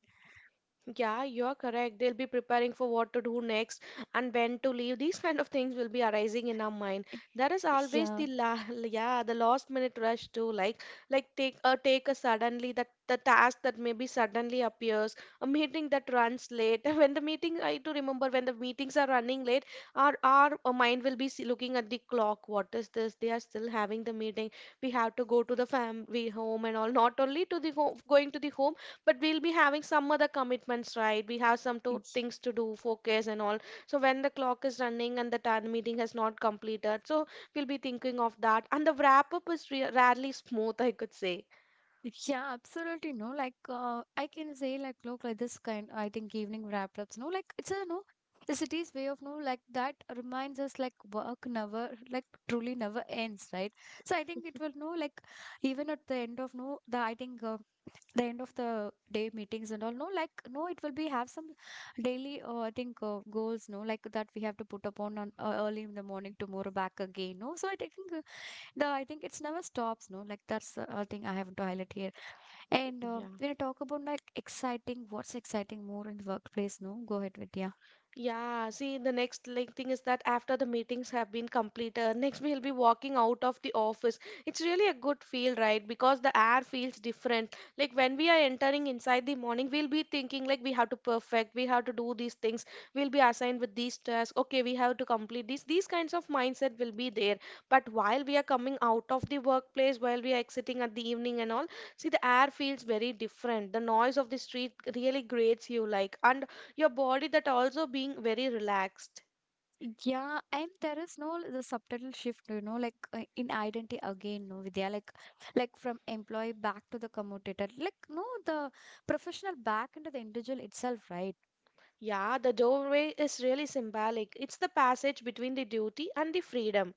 Speaker 2: Yeah, you're correct. They'll be preparing for what to do next and when to leave. These kind of things will be arising in our mind. That is always
Speaker 1: Yeah.
Speaker 2: the la yeah, the last minute rush too. Like take a take a suddenly that the task that maybe suddenly appears, a meeting that runs late. When the meeting, I do remember when the meetings are running late, our mind will be looking at the clock. What is this? They are still having the meeting. We have to go to the family home and all. Not only to the home, going to the home, but we'll be having some other commitments, right? We have some to, things to do focus and all. So when the clock is running and the meeting has not completed, so we'll be thinking of that, and the wrap up is rarely smooth, I could say.
Speaker 1: Yeah, absolutely. No, like I can say, like, look, like this kind, I think evening wrap ups. No, like it's a no, the city's way of no, like that reminds us, like work never, like truly never ends, right? So I think it will no, like even at the end of no, the I think the end of the day meetings and all, no, like no, it will be have some daily, I think goals, no, like that we have to put upon on early in the morning tomorrow back again, no. So I think the I think it's never stops, no, like that's a thing I have to highlight here and
Speaker 2: Yeah
Speaker 1: when I talk about like exciting, what's exciting more in the workplace, no? Go ahead, Vidya.
Speaker 2: Yeah, see, the next like thing is that after the meetings have been completed, next we'll be walking out of the office. It's really a good feel, right? Because the air feels different. Like when we are entering inside the morning, we'll be thinking like we have to perfect, we have to do these things, we'll be assigned with these tasks. Okay, we have to complete these. These kinds of mindset will be there. But while we are coming out of the workplace, while we are exiting at the evening and all, see the air feels very different. The noise of the street really grates you like, and your body that also being very relaxed.
Speaker 1: Yeah, and there is no the subtitle shift, you know, like in identity again, no, Vidya, like from employee back to the commutator, like no, the professional back into the individual itself, right?
Speaker 2: Yeah, the doorway is really symbolic. It's the passage between the duty and the freedom.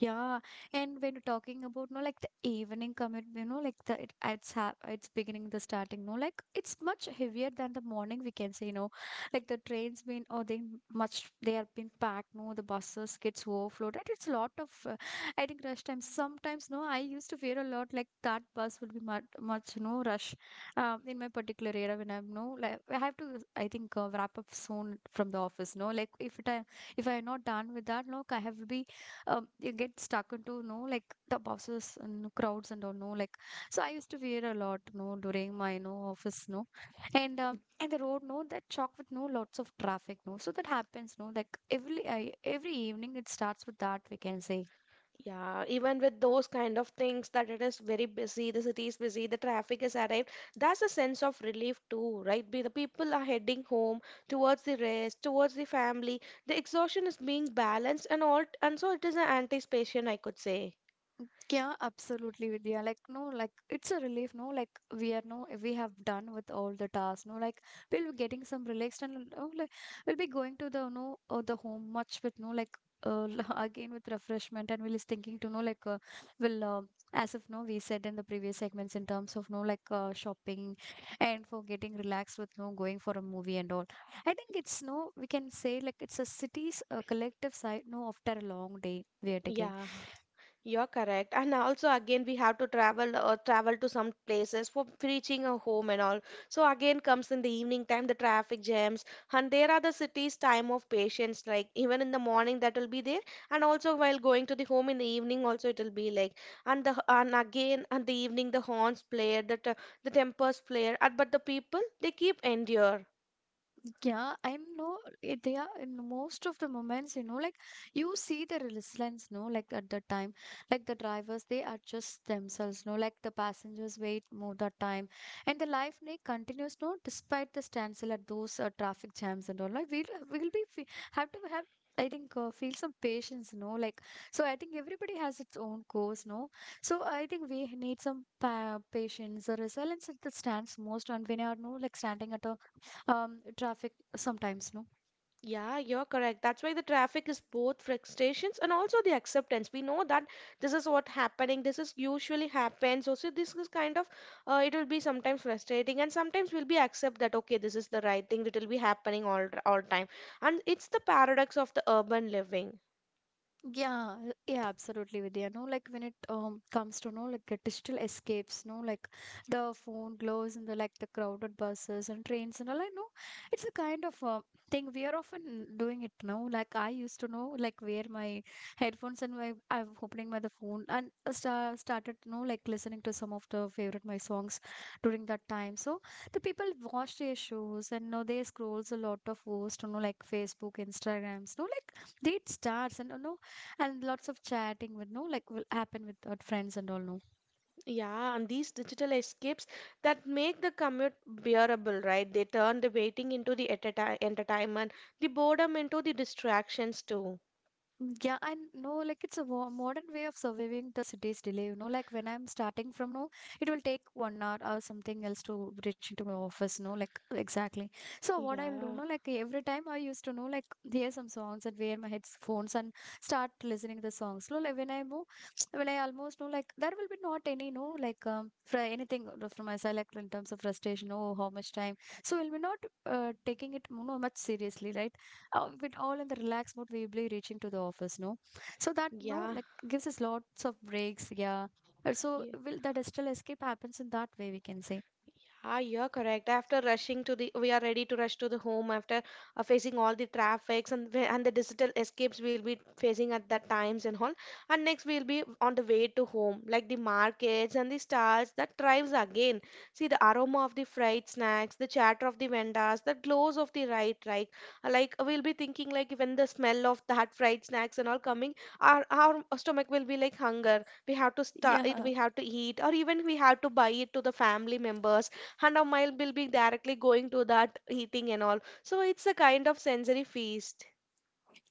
Speaker 1: Yeah, and when you're talking about no, like the evening commute, you know, like the it, it's ha it's beginning the starting, no, like it's much heavier than the morning. We can say, you know, like the trains been or they much they have been packed, no, the buses gets overflooded. It's a lot of I think rush times. Sometimes, no, I used to fear a lot like that bus will be much much no rush, in my particular area when I'm no like I have to I think wrap up soon from the office, no, if I'm not done with that, no, I have to be you get stuck into you know like the buses and crowds and all no like so I used to fear a lot no during my no office no and and the road no that chalk with no lots of traffic no so that happens no like every evening it starts with that we can say.
Speaker 2: Yeah, even with those kind of things that it is very busy, the city is busy, the traffic is arrived, that's a sense of relief too, right? The people are heading home towards the rest, towards the family. The exhaustion is being balanced and all, and so it is an anticipation, I could say.
Speaker 1: Yeah, absolutely, Vidya. Like, no, like it's a relief, no? Like we are no, we have done with all the tasks, no? Like we'll be getting some relaxed and oh, like we'll be going to the no, the home much with no, like uh, again with refreshment, and we'll is thinking to know like we'll as if no, we said in the previous segments in terms of no, like shopping and for getting relaxed with no going for a movie and all. I think it's no, we can say like it's a city's collective side no after a long day we are taking.
Speaker 2: Yeah. You're correct. And also again we have to travel or travel to some places for reaching a home and all. So again comes in the evening time the traffic jams, and there are the city's time of patience, like even in the morning that will be there, and also while going to the home in the evening also it will be like. And again and the evening the horns play the the tempers flare, and but the people they keep endure.
Speaker 1: Yeah, I'm no, they are in most of the moments, you know, like you see the resilience, no, like at the time, like the drivers, they adjust themselves, no, like the passengers wait more that time, and the life they continues, no, despite the standstill at those traffic jams and all. Like we'll be have to have. I think feel some patience, no, like so. I think everybody has its own course, no. So I think we need some patience. The resilience that stands most, and when you are no like standing at a traffic sometimes no.
Speaker 2: Yeah, you're correct. That's why the traffic is both frustrations and also the acceptance. We know that this is what happening. This is usually happens. Also, this is kind of it will be sometimes frustrating, and sometimes we'll be accept that okay, this is the right thing. It will be happening all time. And it's the paradox of the urban living.
Speaker 1: Yeah, yeah, absolutely, Vidya. No, like when it comes to no like the digital escapes, no, like the phone glows and the like the crowded buses and trains and all. I know it's a kind of thing we are often doing it now. Like I used to know, like wear my headphones and my I'm opening my the phone and started no like listening to some of the favorite my songs during that time. So the people watch their shows and now they scrolls a lot of posts, you know, like Facebook, Instagrams, no, like date starts and no and lots of chatting with no like will happen with our friends and all no.
Speaker 2: Yeah, and these digital escapes that make the commute bearable, right? They turn the waiting into the entertainment, the boredom into the distractions too.
Speaker 1: Yeah, and no, like it's a modern way of surviving the city's delay. You know, like when I'm starting from no, it will take 1 hour or something else to reach into my office. No, like exactly. So what I, you know, like every time I used to know, like hear some songs and wear my headphones and start listening the songs. No, like when I move, when I almost know, like there will be not any no, like for anything from my side, like in terms of frustration, oh, how much time. So we'll be not taking it you know, much seriously, right? With all in the relaxed mode we'll be reaching to the office no so that no
Speaker 2: Yeah. Yeah.
Speaker 1: like, gives us lots of breaks yeah. So will that digital escape happens in that way we can say
Speaker 2: Ah, you're correct. After rushing to the, we are ready to rush to the home after facing all the traffics and the digital escapes we'll be facing at that times and all. And next we'll be on the way to home, like the markets and the stalls that thrives again. See the aroma of the fried snacks, the chatter of the vendors, the glows of the right, right. Like we'll be thinking like when the smell of that fried snacks and all coming, our stomach will be like hunger. We have to start it.
Speaker 1: yeah.
Speaker 2: We eat or even we have to buy it to the family members, and our mind will be directly going to that eating and all. So it's a kind of sensory feast.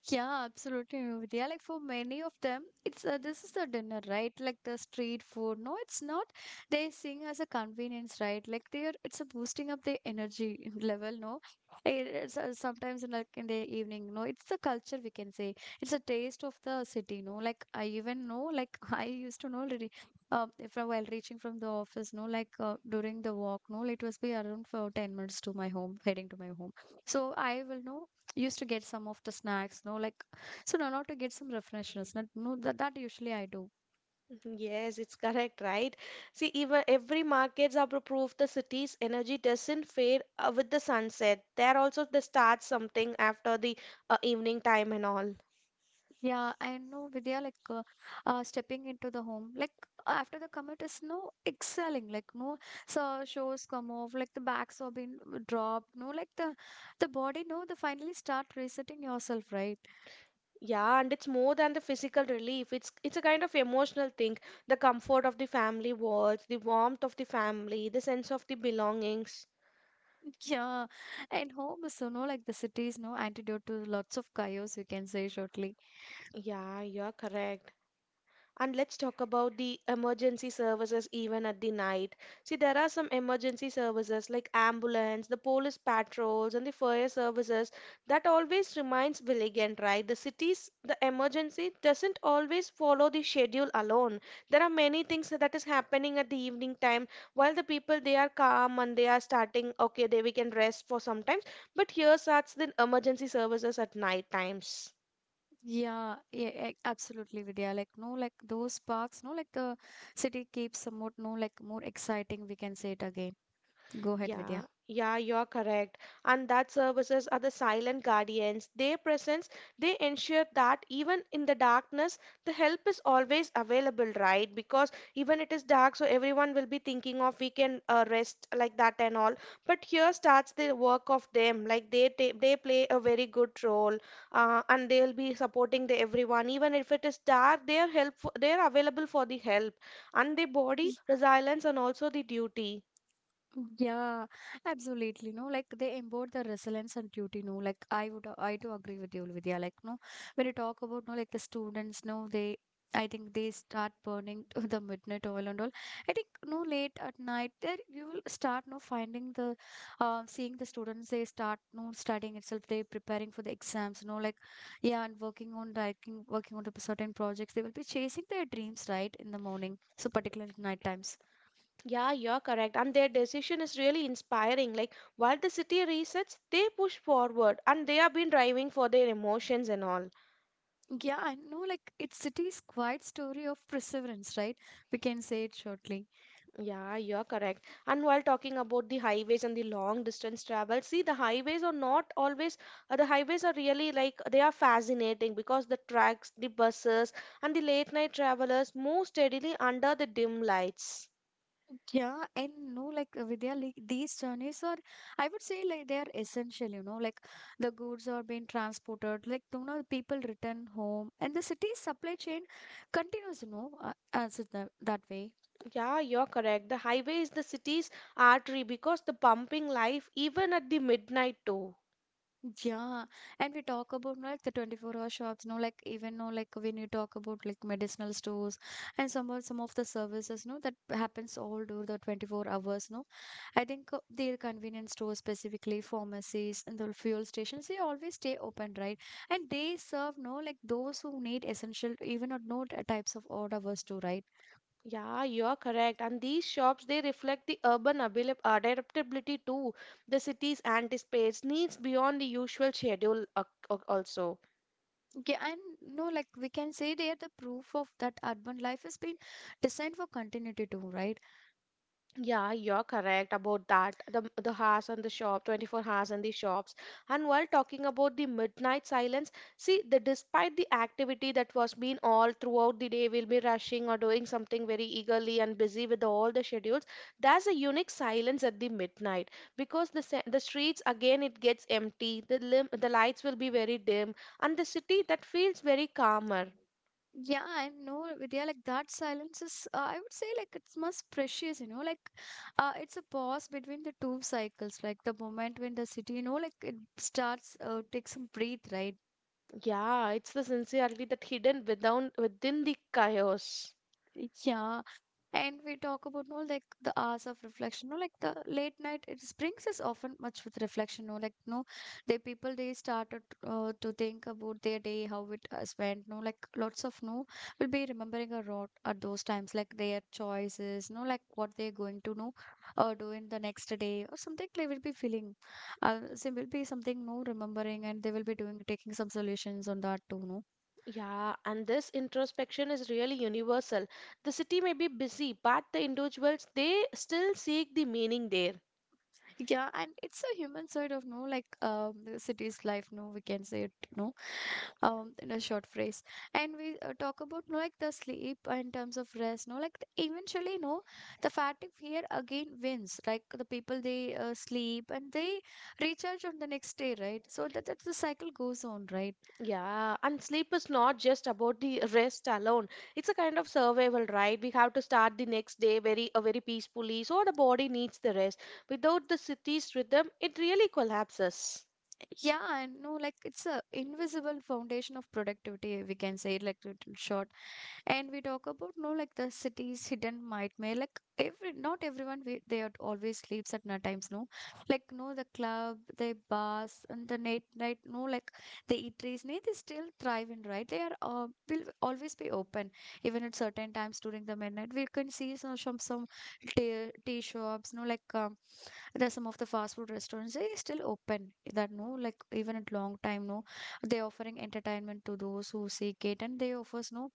Speaker 1: Yeah, absolutely, Vidya. Like for many of them, it's this is the dinner, right? Like the street food. No, it's not. They sing as a convenience, right? Like they are, it's a boosting up their energy level. No, it's sometimes in like in the evening. No, it's the culture we can say. It's a taste of the city. No, like I even know. Like I used to know already. If while reaching from the office, no, like during the walk, no, it was be around for 10 minutes to my home, heading to my home. So I will know used to get some of the snacks, no, like so no not to get some refreshness not, no that usually I do.
Speaker 2: Mm-hmm. Yes, it's correct, right? See, even every markets are proof the city's energy doesn't fade with the sunset. There also they start something after the evening time and all.
Speaker 1: Yeah, I know, Vidya, like stepping into the home, like after the commute is no excelling, like no, so shows come off like the backs have been dropped, no, like the body, no, the finally start resetting yourself, right?
Speaker 2: Yeah, and it's more than the physical relief. It's a kind of emotional thing. The comfort of the family walls, the warmth of the family, the sense of the belongings.
Speaker 1: Yeah, and home is so, no, like the cities no antidote to lots of chaos, you can say shortly.
Speaker 2: Yeah, you're correct. And let's talk about the emergency services even at the night. See, there are some emergency services like ambulance, the police patrols, and the fire services that always remains vigilant, right? The cities, the emergency doesn't always follow the schedule alone. There are many things that is happening at the evening time while the people they are calm and they are starting, okay, they we can rest for sometimes. But here starts the emergency services at night times.
Speaker 1: Yeah, yeah, yeah, absolutely, Vidya. Like, no, like those parks, no, like the city keeps somewhat, no, like more exciting. We can say it again. Go ahead,
Speaker 2: Yeah,
Speaker 1: Vidya.
Speaker 2: yeah, you're correct. And that services are the silent guardians. Their presence, they ensure that even in the darkness, the help is always available, right? Because even it is dark, so everyone will be thinking of we can rest like that and all. But here starts the work of them. Like they they play a very good role, and they'll be supporting the everyone. Even if it is dark, they are available for the help and the body resilience and also the duty.
Speaker 1: Yeah, absolutely. No, like they embody the resilience and duty. No, like I do agree with you, Vidya. Like, no, when you talk about, no, like the students, no, they, I think they start burning to the midnight oil and all. I think, no, late at night, there you will start, no, finding the, seeing the students, they start, no, studying itself, they preparing for the exams, no, like, yeah, and working on, like, working on the certain projects. They will be chasing their dreams, right, in the morning. So, particularly night times.
Speaker 2: Yeah, you're correct. And their decision is really inspiring. Like, while the city resets, they push forward, and they have been driving for their emotions and all.
Speaker 1: Yeah, I know, like it's city's quiet story of perseverance, right? We can say it shortly.
Speaker 2: Yeah, you're correct. And while talking about the highways and the long distance travel, see, the highways are not always, the highways are really like they are fascinating because the trucks, the buses, and the late night travelers move steadily under the dim lights.
Speaker 1: Yeah, and no, like Vidya, like these journeys are, I would say, like they are essential, you know, like the goods are being transported, like, you know, people return home, and the city's supply chain continues, you know, as it that way.
Speaker 2: Yeah, you're correct. The highway is the city's artery because the pumping life even at the midnight too.
Speaker 1: Yeah, and we talk about like the 24-hour shops, no, like even no, like when you talk about like medicinal stores and some of the services, no, that happens all over the 24 hours, no, I think their convenience stores, specifically pharmacies and the fuel stations, they always stay open, right? And they serve no like those who need essential, even or no t- types of odd hours too, right?
Speaker 2: Yeah, you are correct. And these shops, they reflect the urban adaptability too. The city's anticipates needs beyond the usual schedule also.
Speaker 1: Yeah, and no, like we can say they are the proof of that urban life has been designed for continuity too, right?
Speaker 2: Yeah, you're correct about that. The house and the shop, 24 hours and the shops. And while talking about the midnight silence, see the despite the activity that was been all throughout the day, we'll be rushing or doing something very eagerly and busy with all the schedules. There's a unique silence at the midnight because the the streets again it gets empty. The the lights will be very dim, and the city that feels very calmer.
Speaker 1: Yeah, and no, Vidya, like that silence is, I would say, like it's most precious, you know, like it's a pause between the two cycles, like the moment when the city, you know, like it starts, takes some breath, right?
Speaker 2: Yeah, it's the sincerity that hidden within the chaos.
Speaker 1: Yeah, and we talk about no like the hours of reflection, no like the late night. It brings us often much with reflection, no like no, the people they started to think about their day, how it has went, no like lots of no will be remembering a lot at those times, like their choices, no like what they're going to know, do in the next day or something. They will be feeling, so will be something no remembering, and they will be doing taking some solutions on that too, no.
Speaker 2: Yeah, and this introspection is really universal. The city may be busy, but the individuals they still seek the meaning there.
Speaker 1: Yeah, and it's a human side of no like the city's life, no we can say it, no, in a short phrase. And we talk about no like the sleep in terms of rest, no like th- eventually no, the fatigue here again wins like the people they sleep and they recharge on the next day, right, so that the cycle goes on, right?
Speaker 2: Yeah, and sleep is not just about the rest alone. It's a kind of survival, right? We have to start the next day very very peacefully, so the body needs the rest. Without the city's rhythm, it really collapses.
Speaker 1: Yeah, I know, like it's a invisible foundation of productivity, we can say, like little short. And we talk about no, like the city's hidden nightmare. Like every, not everyone we, they are always sleeps at night times. No, like no, the club, the bars, and the night. No, like the eateries. No, they still thrive in, right. They are will always be open, even at certain times during the midnight. We can see some tea shops. No, like there are some of the fast food restaurants they still open that no like even at long time no they're offering entertainment to those who seek it and they offers no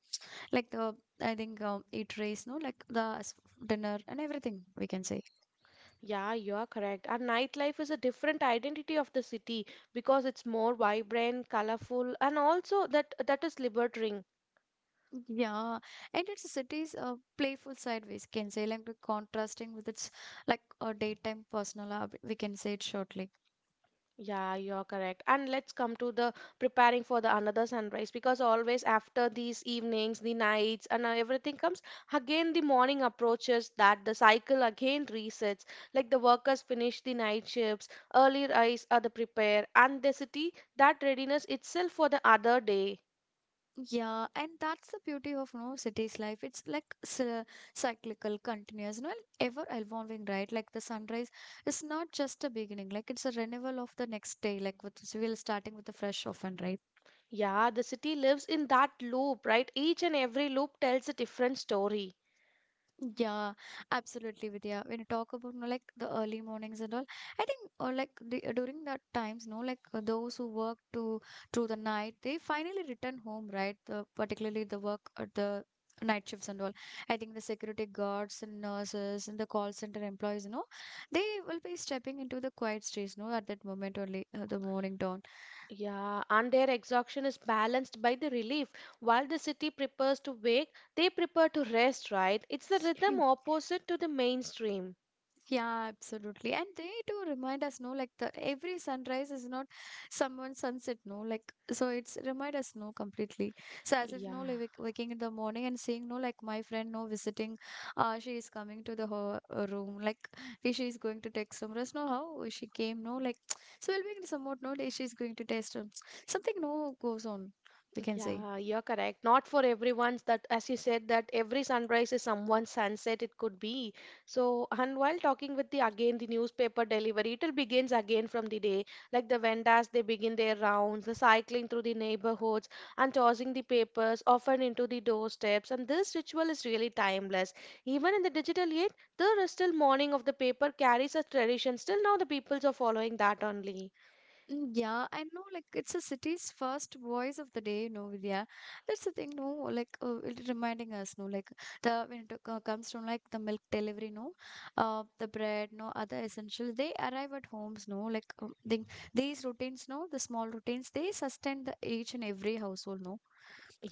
Speaker 1: like the I think it race no like the s- dinner and everything we can say.
Speaker 2: Yeah, you are correct. And nightlife is a different identity of the city because it's more vibrant, colorful, and also that is liberating.
Speaker 1: Yeah, and it's a city's playful side we can say like the contrasting with its like a daytime personal hub we can say it shortly.
Speaker 2: Yeah, you're correct. And let's come to the preparing for the another sunrise, because always after these evenings, the nights, and everything comes again the morning approaches that the cycle again resets. Like the workers finish the night shifts, early rise are the prepare, and the city that readiness itself for the other day.
Speaker 1: Yeah, and that's the beauty of no city's life. It's like cy- cyclical, continuous, you and ever evolving, right? Like the sunrise is not just a beginning, like it's a renewal of the next day, like with we'll starting with a fresh often, right?
Speaker 2: Yeah, the city lives in that loop, right? Each and every loop tells a different story.
Speaker 1: Yeah, absolutely, Vidya. When you talk about no, like the early mornings and all, I think or like the, during that times, no, like those who work to through the night, they finally return home, right? The, particularly the work at the night shifts and all. I think the security guards and nurses and the call center employees, you know, they will be stepping into the quiet streets, no, at that moment only, the morning dawn.
Speaker 2: Yeah, and their exhaustion is balanced by the relief. While the city prepares to wake, they prepare to rest, right? It's the rhythm opposite to the mainstream.
Speaker 1: Yeah, absolutely. And they do remind us, no, like the every sunrise is not someone's sunset, no, like so it's remind us, no, completely. So as if
Speaker 2: Yeah.
Speaker 1: no, like wak- waking in the morning and seeing, no, like my friend, no, visiting, she is coming to the her room, like eh, she is going to text from us, no, how she came, no, like so we'll be somewhat, no, day she is going to test something, no, goes on, we can say.
Speaker 2: Yeah, you're correct. Not for everyone's that, as you said, that every sunrise is someone's sunset, it could be. So, and while talking with the again, the newspaper delivery, it will begins again from the day. Like the vendors, they begin their rounds, the cycling through the neighborhoods and tossing the papers often into the doorsteps. And this ritual is really timeless. Even in the digital age, the still morning of the paper carries a tradition. Still now the peoples are following that only.
Speaker 1: Mm, yeah, I know, like, it's a city's first voice of the day, you know, Vidya. That's the thing, no, like, it reminding us, no, like, the when it comes from like the milk delivery, no, the bread, no, other essentials, they arrive at homes, no, like, they, these routines, no, the small routines, they sustain the each and every household, no,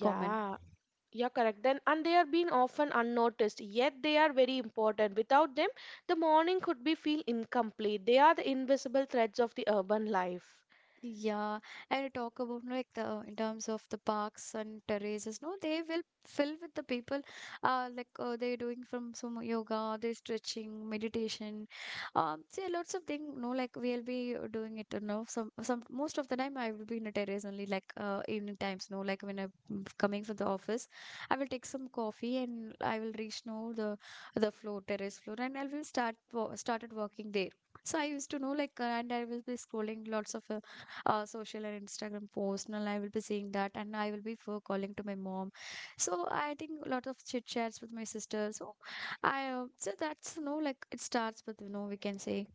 Speaker 1: common.
Speaker 2: yeah, correct. Then and they are being often unnoticed, yet they are very important. Without them, the morning could be feel incomplete. They are the invisible threads of the urban life.
Speaker 1: Yeah, and talk about like the in terms of the parks and terraces. No, they will fill with the people. Like they're doing from some yoga, they're stretching, meditation. See lots of thing. No, like we'll be doing it. You know, some most of the time I will be in a terrace only. Like evening times. No, like when I'm coming from the office, I will take some coffee and I will reach no the floor terrace floor and I will start wo- started working there. So I used to know like and I will be scrolling lots of social and Instagram posts, and I will be seeing that, and I will be for calling to my mom. So I think a lot of chit chats with my sister. So I so that's you know like it starts with you know we can say.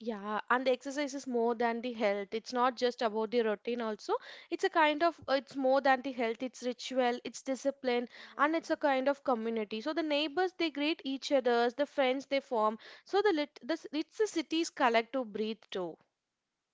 Speaker 2: Yeah, and the exercise is more than the health. It's not just about the routine also. It's a kind of it's more than the health. It's ritual, it's discipline, and it's a kind of community. So the neighbors they greet each other's, the friends they form. So the lit this it's the city's collective breathe too.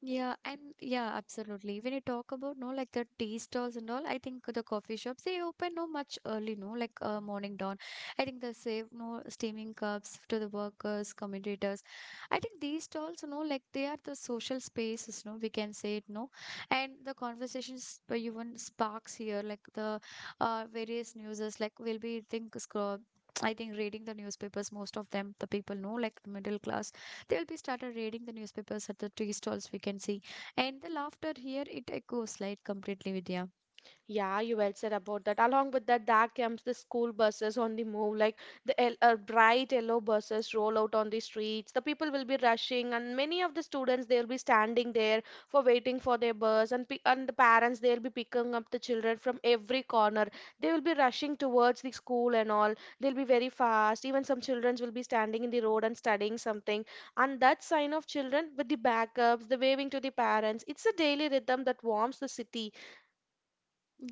Speaker 1: Yeah, and yeah, absolutely. When you talk about no like the tea stalls and all, I think the coffee shops they open no much early, no like morning dawn. I think they save no steaming cups to the workers, commentators. I think these stalls, you know, like they are the social spaces, no, we can say it, no, and the conversations where even sparks here, like the various newses, like we'll be think scroll. I think reading the newspapers, most of them, the people know, like middle class, they'll be started reading the newspapers at the tea stalls we can see. And the laughter here, it echoes like completely, Vidya.
Speaker 2: Yeah, you well said about that. Along with that, there comes the school buses on the move, like the bright yellow buses roll out on the streets. The people will be rushing, and many of the students they will be standing there for waiting for their bus, and the parents they'll be picking up the children from every corner. They will be rushing towards the school and all. They'll be very fast. Even some children will be standing in the road and studying something. And that sign of children with the backups, the waving to the parents, it's a daily rhythm that warms the city.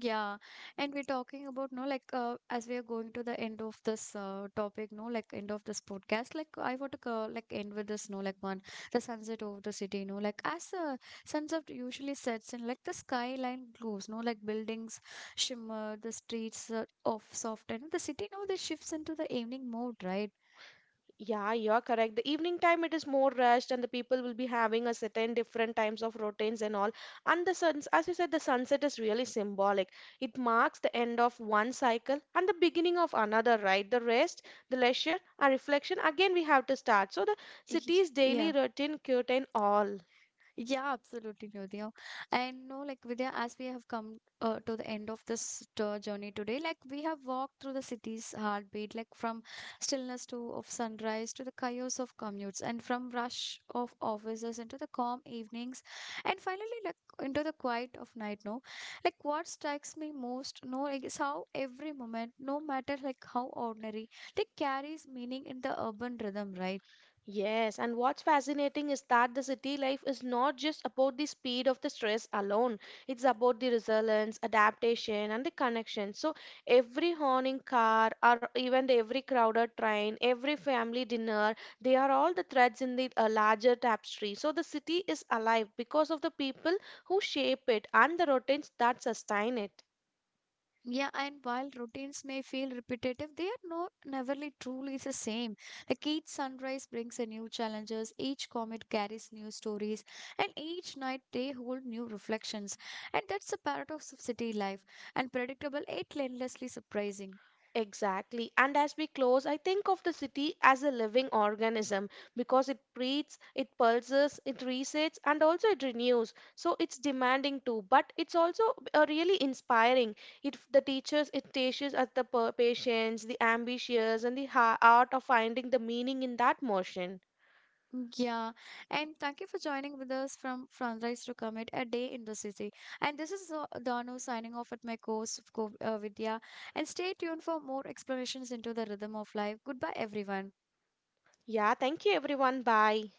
Speaker 1: Yeah, and we're talking about no like as we are going to the end of this topic, no like end of this podcast. Like I want to like end with this no like one the sunset over the city. No like as sunset usually sets in like the skyline glows. No like buildings shimmer, the streets of soft, and the city no they shifts into the evening mode, right?
Speaker 2: Yeah, you are correct. The evening time it is more rushed, and the people will be having a certain different times of routines and all. And the suns, as you said, the sunset is really symbolic. It marks the end of one cycle and the beginning of another. Right, the rest, the leisure, and reflection. Again, we have to start. So the
Speaker 1: Y-
Speaker 2: city's daily
Speaker 1: Yeah.
Speaker 2: routine curtain all.
Speaker 1: Yeah, absolutely, Vidya. And no, like Vidya, as we have come to the end of this tour journey today, like we have walked through the city's heartbeat, like from stillness to of sunrise to the chaos of commutes, and from rush of offices into the calm evenings, and finally, like into the quiet of night. No, like what strikes me most, no, like is how every moment, no matter like how ordinary, like carries meaning in the urban rhythm, right?
Speaker 2: Yes, and what's fascinating is that the city life is not just about the speed of the stress alone. It's about the resilience, adaptation, and the connection. So every horning car, or even the every crowded train, every family dinner, they are all the threads in the larger tapestry. So the city is alive because of the people who shape it and the routines that sustain it.
Speaker 1: Yeah, and while routines may feel repetitive, they are no neverly truly the same. Like each sunrise brings a new challenges, each comet carries new stories, and each night they hold new reflections. And that's the paradox of city life, unpredictable yet endlessly surprising.
Speaker 2: Exactly. And as we close, I think of the city as a living organism because it breathes, it pulses, it resets, and also it renews. So it's demanding too, but it's also really inspiring. It the teachers, it teaches us the patience, the ambitious, and the art of finding the meaning in that motion.
Speaker 1: Yeah, and thank you for joining with us from Sunrise to Comet, a day in the city. And this is Danu signing off at my course of Co- Vidya. And stay tuned for more explanations into the rhythm of life. Goodbye, everyone.
Speaker 2: Yeah, thank you everyone. Bye.